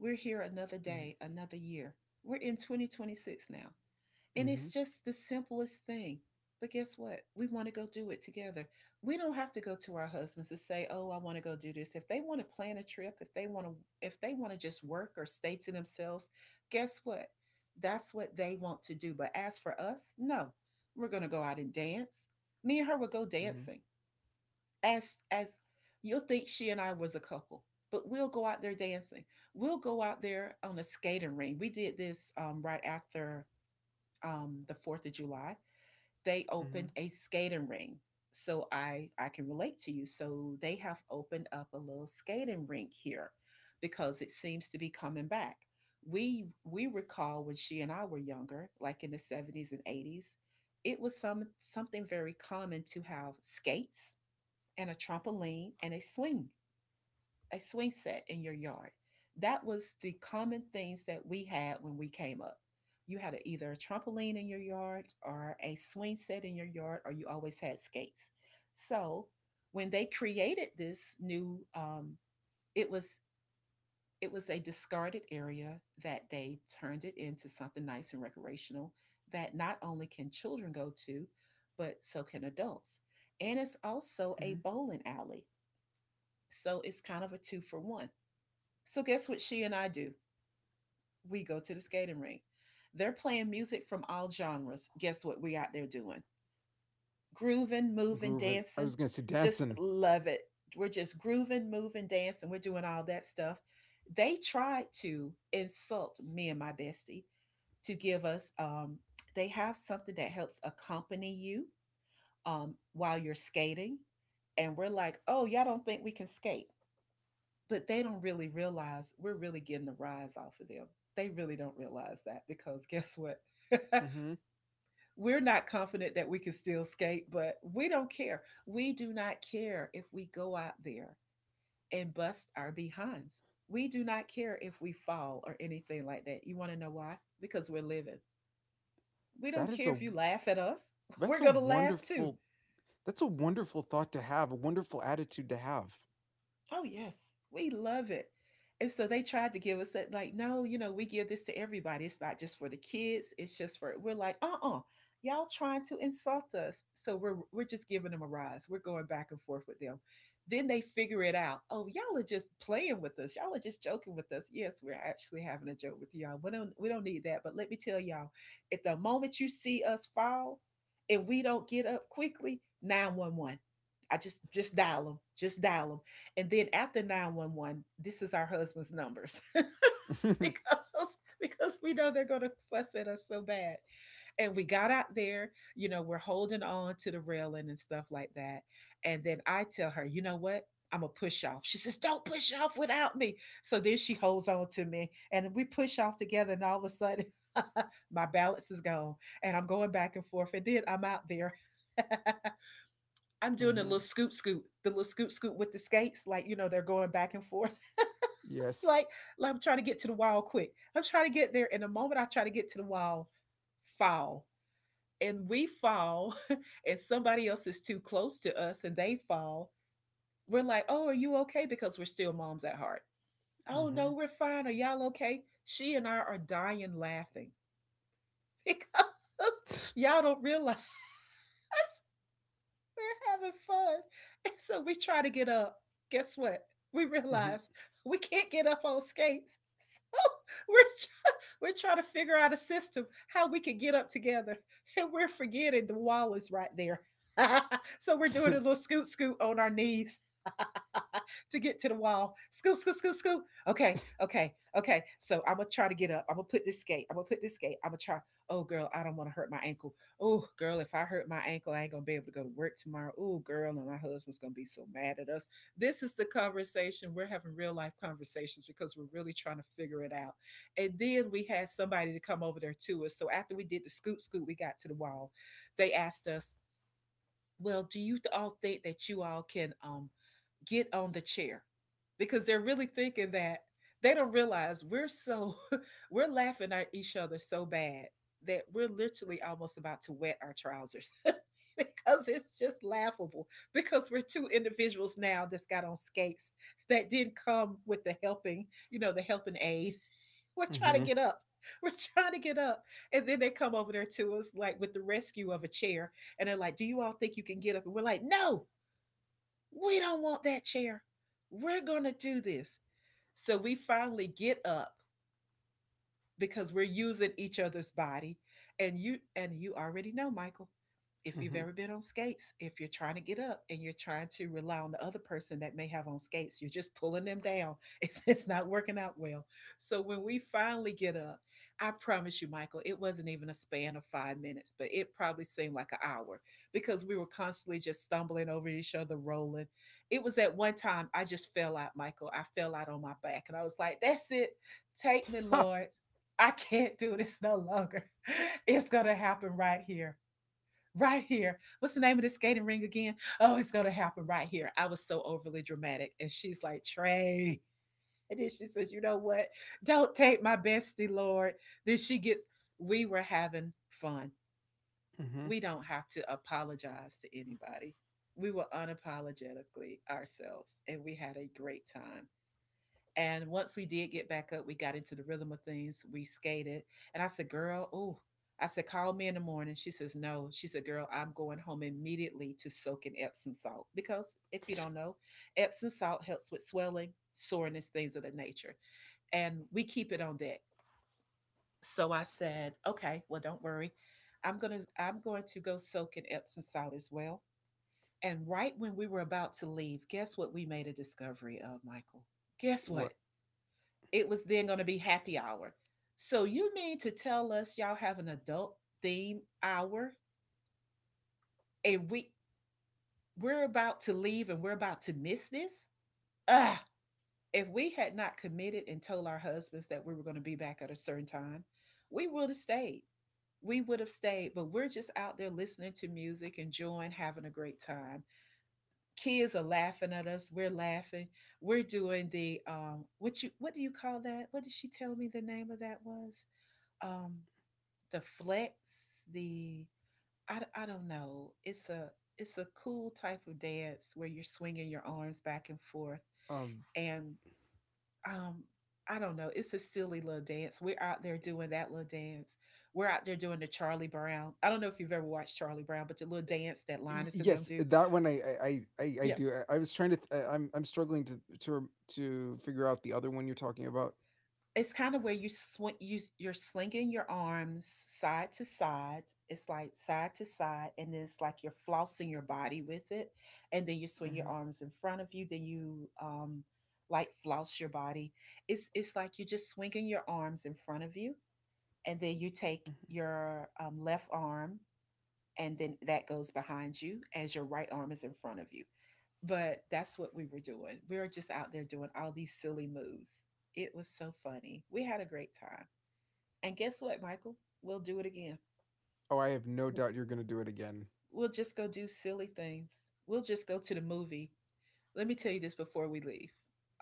[SPEAKER 1] We're here another
[SPEAKER 2] mm,
[SPEAKER 1] day, another year. We're in twenty twenty-six now. And
[SPEAKER 2] mhm,
[SPEAKER 1] it's just the simplest thing. But guess what? We want to go do it together. We don't have to go to our husbands and say, "Oh, I want to go do this." If they want to plan a trip, if they want to if they want to just work or stay to themselves, guess what? That's what they want to do. But as for us, no. We're going to go out and dance. Me and her will go
[SPEAKER 2] mhm.
[SPEAKER 1] dancing. As as you'll think she and I was a couple, but we'll go out there dancing. We'll go out there on a skating rink. We did this um, right after um, the Fourth of July, they
[SPEAKER 2] Hmm,
[SPEAKER 1] opened a skating rink. So I I can relate to you. So they have opened up a little skating rink here because it seems to be coming back. We we recall when she and I were younger, like in the seventies and eighties, it was some something very common to have skates and a trampoline and a swing a swing set in your yard. That was the common things that we had when we came up. You had a, either a trampoline in your yard or a swing set in your yard, or you always had skates. So when they created this new, um, it was it was a discarded area that they turned it into something nice and recreational, that not only can children go to, but so can adults. And it's also
[SPEAKER 2] hmm.
[SPEAKER 1] a bowling alley. So it's kind of a two for one. So guess what she and I do? We go to the skating rink. They're playing music from all genres. Guess what we out there doing? Grooving, moving,
[SPEAKER 2] Grooving. I was
[SPEAKER 1] dancing.
[SPEAKER 2] gonna say
[SPEAKER 1] Just
[SPEAKER 2] dancing.
[SPEAKER 1] love it. We're just grooving, moving, dancing. We're doing all that stuff. They tried to insult me and my bestie to give us um they have something that helps accompany you um while you're skating. And we're like, oh, y'all don't think we can skate. But they don't really realize we're really getting the rise off of them. They really don't realize that, because guess what?
[SPEAKER 2] Hmm.
[SPEAKER 1] We're not confident that we can still skate, but we don't care. We do not care if we go out there and bust our behinds. We do not care if we fall or anything like that. You want to know why? Because we're living. We don't
[SPEAKER 2] That is
[SPEAKER 1] care
[SPEAKER 2] a
[SPEAKER 1] if you laugh at us.
[SPEAKER 2] that's
[SPEAKER 1] We're
[SPEAKER 2] a
[SPEAKER 1] going to laugh too.
[SPEAKER 2] wonderful that's a wonderful thought to have. A wonderful attitude to have.
[SPEAKER 1] Oh, yes. We love it. And so they tried to give us that, like, no, you know, we give this to everybody. It's not just for the kids. It's just for, we're like, uh uh you all trying to insult us. So we're, we're just giving them a rise. We're going back and forth with them. Then they figure it out. Oh, y'all are just playing with us. Y'all are just joking with us. Yes, we're actually having a joke with y'all. We don't, we don't need that. But let me tell y'all, at the moment you see us fall and we don't get up quickly, nine one one. I just just dial them, just dial them. And then after nine one one, this is our husband's numbers.
[SPEAKER 2] hmm.
[SPEAKER 1] because because we know they're gonna fuss at us so bad. And we got out there, you know, we're holding on to the railing and stuff like that. And then I tell her, you know what? I'm gonna push off. She says, Don't push off without me. So then she holds on to me and we push off together, and all of a sudden my balance is gone, and I'm going back and forth, and then I'm out there. I'm doing a little scoot scoot, the little scoot scoot with the skates, like, you know, they're going back and forth.
[SPEAKER 2] Yes.
[SPEAKER 1] Like, like I'm trying to get to the wall quick. I'm trying to get there, and the moment I try to get to the wall, fall, and we fall, and somebody else is too close to us, and they fall. We're like, oh, are you okay? Because we're still moms at heart. Oh
[SPEAKER 2] Hmm.
[SPEAKER 1] no, we're fine. Are y'all okay? She and I are dying laughing because y'all don't realize we're having fun. And so we try to get up. Guess what? We
[SPEAKER 2] Hmm.
[SPEAKER 1] realize we can't get up on skates. So we're try- we're trying to figure out a system how we could get up together, and we're forgetting the wall is right there. So we're doing a little scoot scoot on our knees to get to the wall. Scoot scoot scoot scoot. Okay, okay, okay. So I'm gonna try to get up. I'm gonna put this skate. I'm gonna put this skate. I'm gonna try. Oh girl, I don't want to hurt my ankle. Oh girl, if I hurt my ankle, I ain't gonna be able to go to work tomorrow. Oh girl, and my husband's gonna be so mad at us. This is the conversation we're having, real life conversations, because we're really trying to figure it out. And then we had somebody to come over there to us. So after we did the scoot scoot, we got to the wall. They asked us, well, do you all think that you all can um, get on the chair? Because they're really thinking that, they don't realize we're so, we're laughing at each other so bad that we're literally almost about to wet our trousers because it's just laughable. Because we're two individuals now that's got on skates that didn't come with the helping, you know, the helping aid. We're trying
[SPEAKER 2] Hmm.
[SPEAKER 1] to get up. We're trying to get up. And then they come over there to us like with the rescue of a chair, and they're like, Do you all think you can get up? And we're like, No, we don't want that chair. We're going to do this. So we finally get up because we're using each other's body and you and you already know, Michael. If you've
[SPEAKER 2] Hmm.
[SPEAKER 1] ever been on skates, if you're trying to get up and you're trying to rely on the other person that may have on skates, you're just pulling them down. it's, it's not working out well. So when we finally get up, I promise you, Michael, it wasn't even a span of five minutes, but it probably seemed like an hour because we were constantly just stumbling over each other, rolling. It was at one time I just fell out, Michael. I fell out on my back and I was like, that's it. Take me,
[SPEAKER 2] Ha.
[SPEAKER 1] Lord. I can't do this no longer. It's going to happen right here. Right here. What's the name of this skating ring again? Oh, it's going to happen right here. I was so overly dramatic. And she's like, Trey. And then she says, you know what? Don't take my bestie, Lord. Then she gets, we were having fun.
[SPEAKER 2] Hmm.
[SPEAKER 1] We don't have to apologize to anybody. We were unapologetically ourselves and we had a great time. And once we did get back up, we got into the rhythm of things. We skated. And I said, girl, oh, I said, call me in the morning. She says, no. She said, girl, I'm going home immediately to soak in Epsom salt. Because if you don't know, Epsom salt helps with swelling, soreness, things of that nature. And we keep it on deck. So I said, okay, well, don't worry. I'm gonna I'm going to go soak in Epsom salt as well. And right when we were about to leave, guess what we made a discovery of, Michael? Guess
[SPEAKER 2] What?
[SPEAKER 1] what? It was then going to be happy hour. So you mean to tell us, y'all have an adult theme hour and we we're about to leave and we're about to miss this? Ugh. If we had not committed and told our husbands that we were going to be back at a certain time, we would have stayed. We would have stayed, but we're just out there listening to music, enjoying, having a great time. Kids are laughing at us. We're laughing. We're doing the um, what you what do you call that? What did she tell me the name of that was? Um, the flex, the I, I don't know. It's a it's a cool type of dance where you're swinging your arms back and forth,
[SPEAKER 2] Um.
[SPEAKER 1] and um, I don't know. It's a silly little dance. We're out there doing that little dance. We're out there doing the Charlie Brown. I don't know if you've ever watched Charlie Brown, but the little dance that
[SPEAKER 2] y-
[SPEAKER 1] Linus and them
[SPEAKER 2] Yes,
[SPEAKER 1] do.
[SPEAKER 2] that one I I I, I I
[SPEAKER 1] Yeah,
[SPEAKER 2] do. I, I was trying to. Th- I, I'm I'm struggling to to rem- to figure out the other one you're talking about.
[SPEAKER 1] it's kind of where you swing, you you're slinging your arms side to side. It's like side to side, and then it's like you're flossing your body with it, and then you swing your
[SPEAKER 2] Hmm.
[SPEAKER 1] arms in front of you. Then you um, like floss your body. It's it's like you're just swinging your arms in front of you, and then you take
[SPEAKER 2] Hmm.
[SPEAKER 1] your um, left arm and then that goes behind you as your right arm is in front of you. But that's what we were doing. We were just out there doing all these silly moves. It was so funny. We had a great time. And guess what, Michael? We'll do it again.
[SPEAKER 2] Oh, I have no doubt you're gonna do it again.
[SPEAKER 1] We'll just go do silly things. We'll just go to the movie. Let me tell you this before we leave.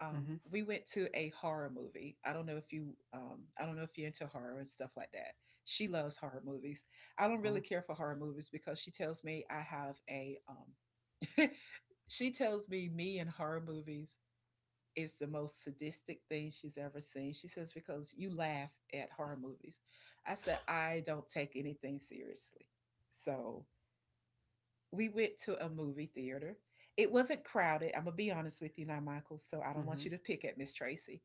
[SPEAKER 1] Um,
[SPEAKER 2] Hmm.
[SPEAKER 1] we went to a horror movie. I don't know if you, um, I don't know if you're into horror and stuff like that. She loves horror movies. I don't really
[SPEAKER 2] Oh.
[SPEAKER 1] care for horror movies because she tells me I have a um, she tells me me and horror movies is the most sadistic thing she's ever seen. She says because you laugh at horror movies. I said I don't take anything seriously. So we went to a movie theater. It wasn't crowded. I'm gonna be honest with you now, Michael. So I don't want
[SPEAKER 2] Hmm.
[SPEAKER 1] you to pick at Miss Tracy.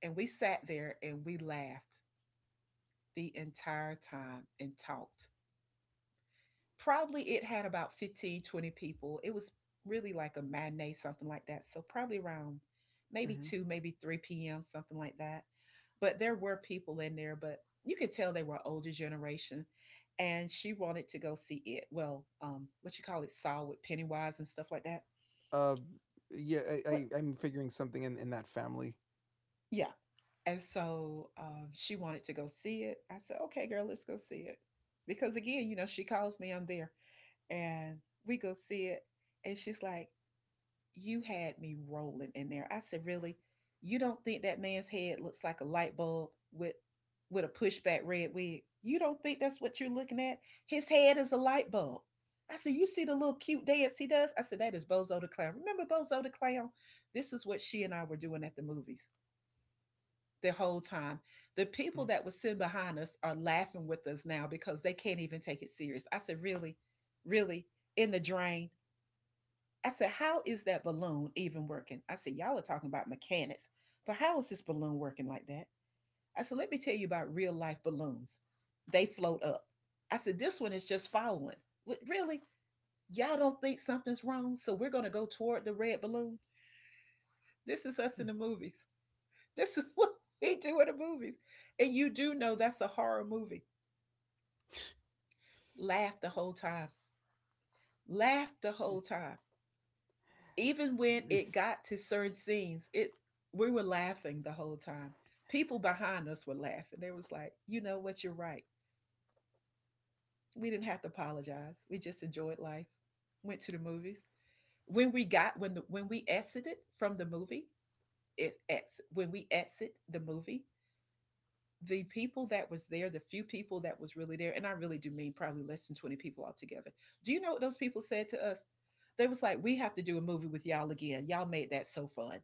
[SPEAKER 1] And we sat there and we laughed the entire time and talked. Probably it had about fifteen, twenty people. It was really like a matinee, something like that. So probably around maybe
[SPEAKER 2] Hmm.
[SPEAKER 1] two, maybe three p m, something like that. But there were people in there, but you could tell they were older generation. And she wanted to go see it. Well, um, what you call it, Saw with Pennywise and stuff like that.
[SPEAKER 2] Uh, yeah, I,
[SPEAKER 1] What?
[SPEAKER 2] I I'm figuring something in in that family.
[SPEAKER 1] Yeah. And so um, she wanted to go see it. I said, okay, girl, let's go see it. Because again, you know, she calls me, I'm there. And we go see it. And she's like, you had me rolling in there. I said, really? You don't think that man's head looks like a light bulb with with a pushback red wig? You don't think that's what you're looking at? His head is a light bulb. I said, you see the little cute dance he does? I said, that is Bozo the Clown. Remember Bozo the Clown? This is what she and I were doing at the movies the whole time. The people that were sitting behind us are laughing with us now because they can't even take it serious. I said, really? Really? In the drain? I said, how is that balloon even working? I said, y'all are talking about mechanics, but how is this balloon working like that? I said, let me tell you about real life balloons. They float up. I said, this one is just following. What, really? Y'all don't think something's wrong? So we're going to go toward the red balloon? This is us in the movies. This is what we do in the movies. And you do know that's a horror movie. Laugh the whole time. Laugh the whole time even when it got to certain scenes, it we were laughing the whole time. People behind us were laughing. They was like, you know what, you're right. We didn't have to apologize. We just enjoyed life. Went to the movies. When we got when the, when we exited from the movie, it ex, when we exit the movie, the people that was there, the few people that was really there, and I really do mean probably less than twenty people altogether. Do you know what those people said to us? They was like, we have to do a movie with y'all again. Y'all made that so fun.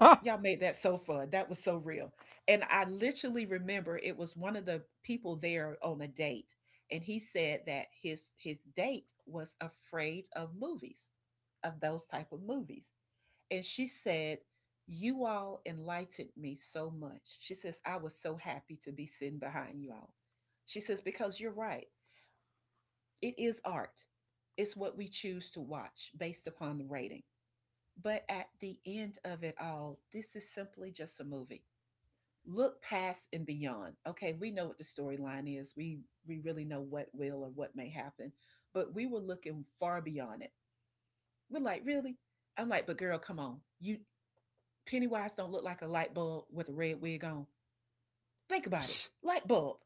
[SPEAKER 2] I
[SPEAKER 1] Y'all made that so fun. That was so real. And I literally remember it was one of the people there on a date and he said that his his date was afraid of movies, of those type of movies. And she said, "You all enlightened me so much." She says, "I was so happy to be sitting behind you all." She says because you're right. It is art. It's what we choose to watch based upon the rating. But at the end of it all, this is simply just a movie. Look past and beyond. Okay, we know what the storyline is. We we really know what will or what may happen, but we were looking far beyond it. We're like, really? I'm like, but girl, come on. You Pennywise don't look like a light bulb with a red wig on. Think about it. Light bulb.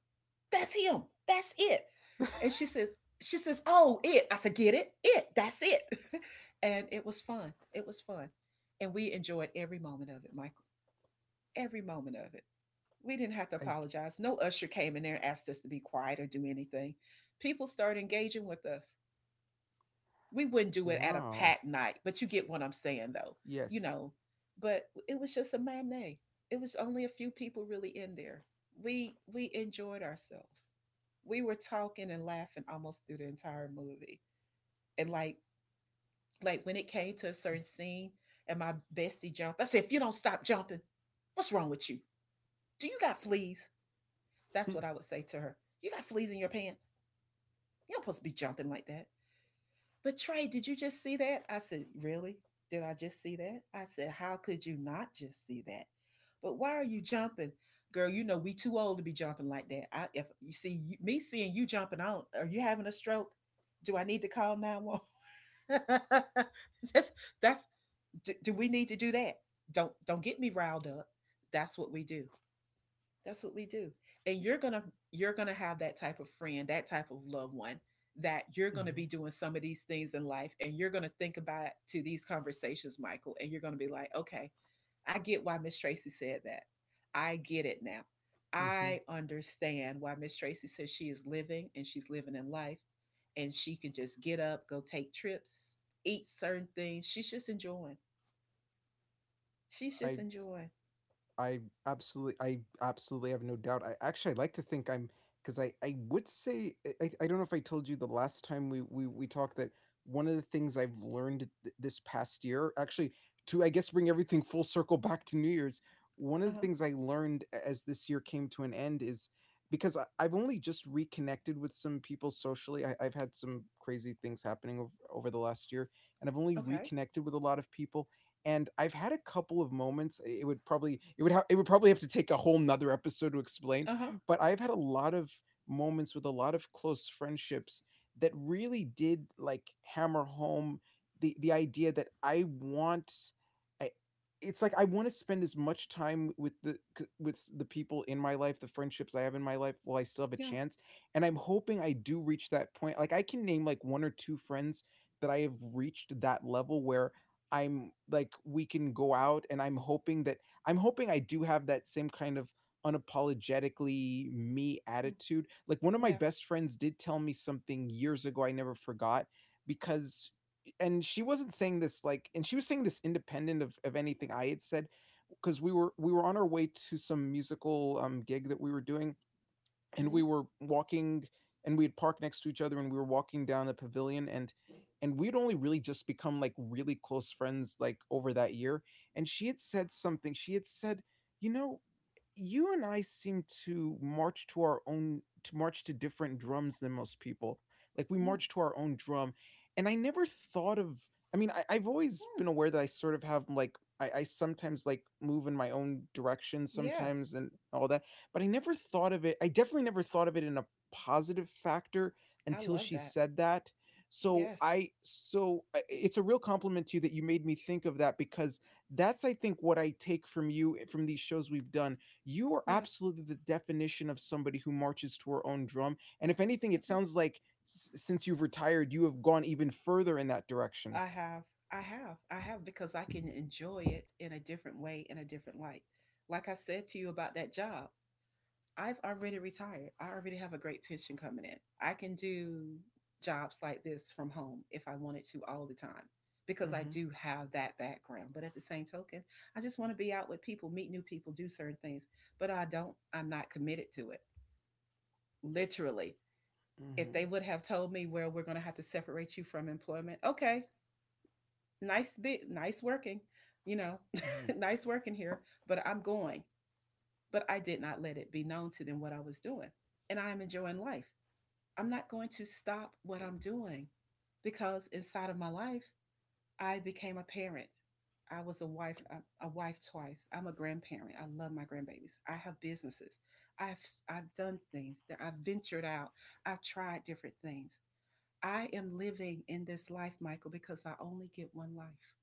[SPEAKER 1] That's him. That's it. And she says, she says, oh, it. I said, get it? It. That's it. And it was fun. It was fun. And we enjoyed every moment of it, Michael. Every moment of it. We didn't have to apologize. No usher came in there and asked us to be quiet or do anything. People started engaging with us. We wouldn't do it at a
[SPEAKER 2] Wow.
[SPEAKER 1] packed night, but you get what I'm saying, though, you
[SPEAKER 2] Yes.
[SPEAKER 1] know. But it was just a matinee. It was only a few people really in there. We we enjoyed ourselves. We were talking and laughing almost through the entire movie. And like like when it came to a certain scene, and my bestie jumped, I said, "If you don't stop jumping, what's wrong with you? Do you got fleas?" That's what I would say to her. You got fleas in your pants. You're not supposed to be jumping like that. But Trey, did you just see that? I said, really? Did I just see that? I said, how could you not just see that? But why are you jumping? Girl, you know we too old to be jumping like that. I if you see you, me seeing you jumping I don't. Are you having a stroke? Do I need to call nine one one? that's that's do, do we need to do that? Don't don't get me riled up. That's what we do that's what we do. And you're going to you're going to have that type of friend, that type of loved one that you're going to be
[SPEAKER 2] Mhm.
[SPEAKER 1] doing some of these things in life and you're going to think about to these conversations, Michael, and you're going to be like, "Okay, I get why Miss Tracy said that. I get it now.
[SPEAKER 2] Mhm.
[SPEAKER 1] I understand why Miss Tracy says she is living and she's living in life and she can just get up, go take trips, eat certain things. She's just enjoying. She's just
[SPEAKER 2] I
[SPEAKER 1] enjoying.
[SPEAKER 2] I absolutely, I absolutely have no doubt. I actually, I like to think I'm, because I, I would say I, I don't know if I told you the last time we we we talked that one of the things I've learned th- this past year, actually, to I guess bring everything full circle back to New Year's, one of the
[SPEAKER 1] Uh-huh.
[SPEAKER 2] things I learned as this year came to an end is, because I, I've only just reconnected with some people socially. I, I've had some crazy things happening over, over the last year, and I've only
[SPEAKER 1] Okay.
[SPEAKER 2] reconnected with a lot of people, and I've had a couple of moments. It would probably it would ha- it would probably have to take a whole nother episode to explain,
[SPEAKER 1] Uh-huh.
[SPEAKER 2] but I've had a lot of moments with a lot of close friendships that really did like hammer home the the idea that I want. I- It's like I want to spend as much time with the c- with s- the people in my life, the friendships I have in my life, while I still have a
[SPEAKER 1] Yeah.
[SPEAKER 2] chance. And I'm hoping I do reach that point. Like I can name like one or two friends that I have reached that level where I'm like we can go out, and I'm hoping that I'm hoping I do have that same kind of unapologetically me
[SPEAKER 1] Mm.
[SPEAKER 2] attitude. Like one of my
[SPEAKER 1] Yeah.
[SPEAKER 2] best friends did tell me something years ago I never forgot, because and she wasn't saying this, like, and she was saying this independent of, of anything I had said, because we were we were on our way to some musical um gig that we were doing, and we
[SPEAKER 1] Mhm.
[SPEAKER 2] were walking, and we had parked next to each other, and we were walking down the pavilion, and and we'd only really just become like really close friends, like, over that year, and she had said something. She had said, you know, you and I seem to march to our own to march to different drums than most people. Like we march
[SPEAKER 1] Mm.
[SPEAKER 2] to our own drum. And I never thought of, I mean, I, I've always
[SPEAKER 1] Hmm,
[SPEAKER 2] been aware that I sort of have, like, I, I sometimes like move in my own direction
[SPEAKER 1] yes,
[SPEAKER 2] sometimes and all that. But I never thought of it, I definitely never thought of it in a positive factor
[SPEAKER 1] I
[SPEAKER 2] until
[SPEAKER 1] love
[SPEAKER 2] she
[SPEAKER 1] that.
[SPEAKER 2] said that. So
[SPEAKER 1] Yes,
[SPEAKER 2] I so I- it's a real compliment to you that you made me think of that, because that's, I think, what I take from you from these shows we've done. You are
[SPEAKER 1] yeah,
[SPEAKER 2] absolutely the definition of somebody who marches to her own drum. And if anything,
[SPEAKER 1] I
[SPEAKER 2] it
[SPEAKER 1] do.
[SPEAKER 2] sounds like s- since you've retired, you have gone even further in that direction.
[SPEAKER 1] I have, I have, I have because I can enjoy it in a different way, in a different light. Like I said to you about that job, I've already retired. I already have a great pension coming in. I can do jobs like this from home if I wanted to all the time because I
[SPEAKER 2] Mm-hmm.
[SPEAKER 1] do have that background. But at the same token, I just want to be out with people, meet new people, do certain things, but I don't, I'm not committed to it. Literally, if they
[SPEAKER 2] Mm-hmm.
[SPEAKER 1] would have told me, well, we're going to have to separate you from employment, okay, nice bit, nice working, you know,
[SPEAKER 2] Mm-hmm.
[SPEAKER 1] nice working here, but I'm going. But I did not let it be known to them what I was doing. And I am enjoying life. I'm not going to stop what I'm doing because inside of my life, I became a parent. I was a wife, a, a wife twice. I'm a grandparent. I love my grandbabies. I have businesses. I've I've done things that I've ventured out. I've tried different things. I am living in this life, Michael, because I only get one life.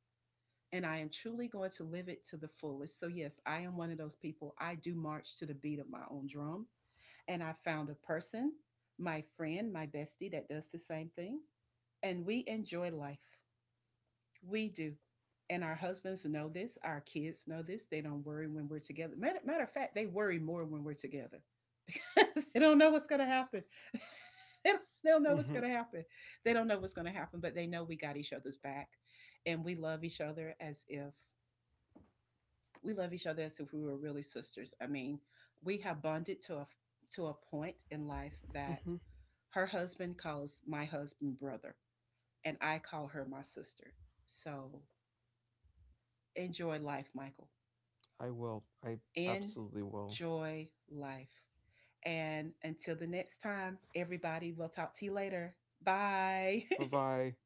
[SPEAKER 1] And I am truly going to live it to the fullest. So, yes, I am one of those people. I do march to the beat of my own drum. And I found a person, my friend, my bestie, that does the same thing. And we enjoy life. We do. And our husbands know this. Our kids know this. They don't worry when we're together. Matter, matter of fact, they worry more when we're together because they don't know what's going to happen. they, don't, they don't know what's going to happen. They don't know what's going to happen, but they know we got each other's back and we love each other as if we love each other as if we were really sisters. I mean, we have bonded to a to a point in life that
[SPEAKER 2] Mm-hmm.
[SPEAKER 1] her husband calls my husband brother and I call her my sister. So enjoy life, Michael.
[SPEAKER 2] I will. I absolutely will.
[SPEAKER 1] Enjoy life. And until the next time, everybody, we'll talk to you later. Bye.
[SPEAKER 2] Bye bye.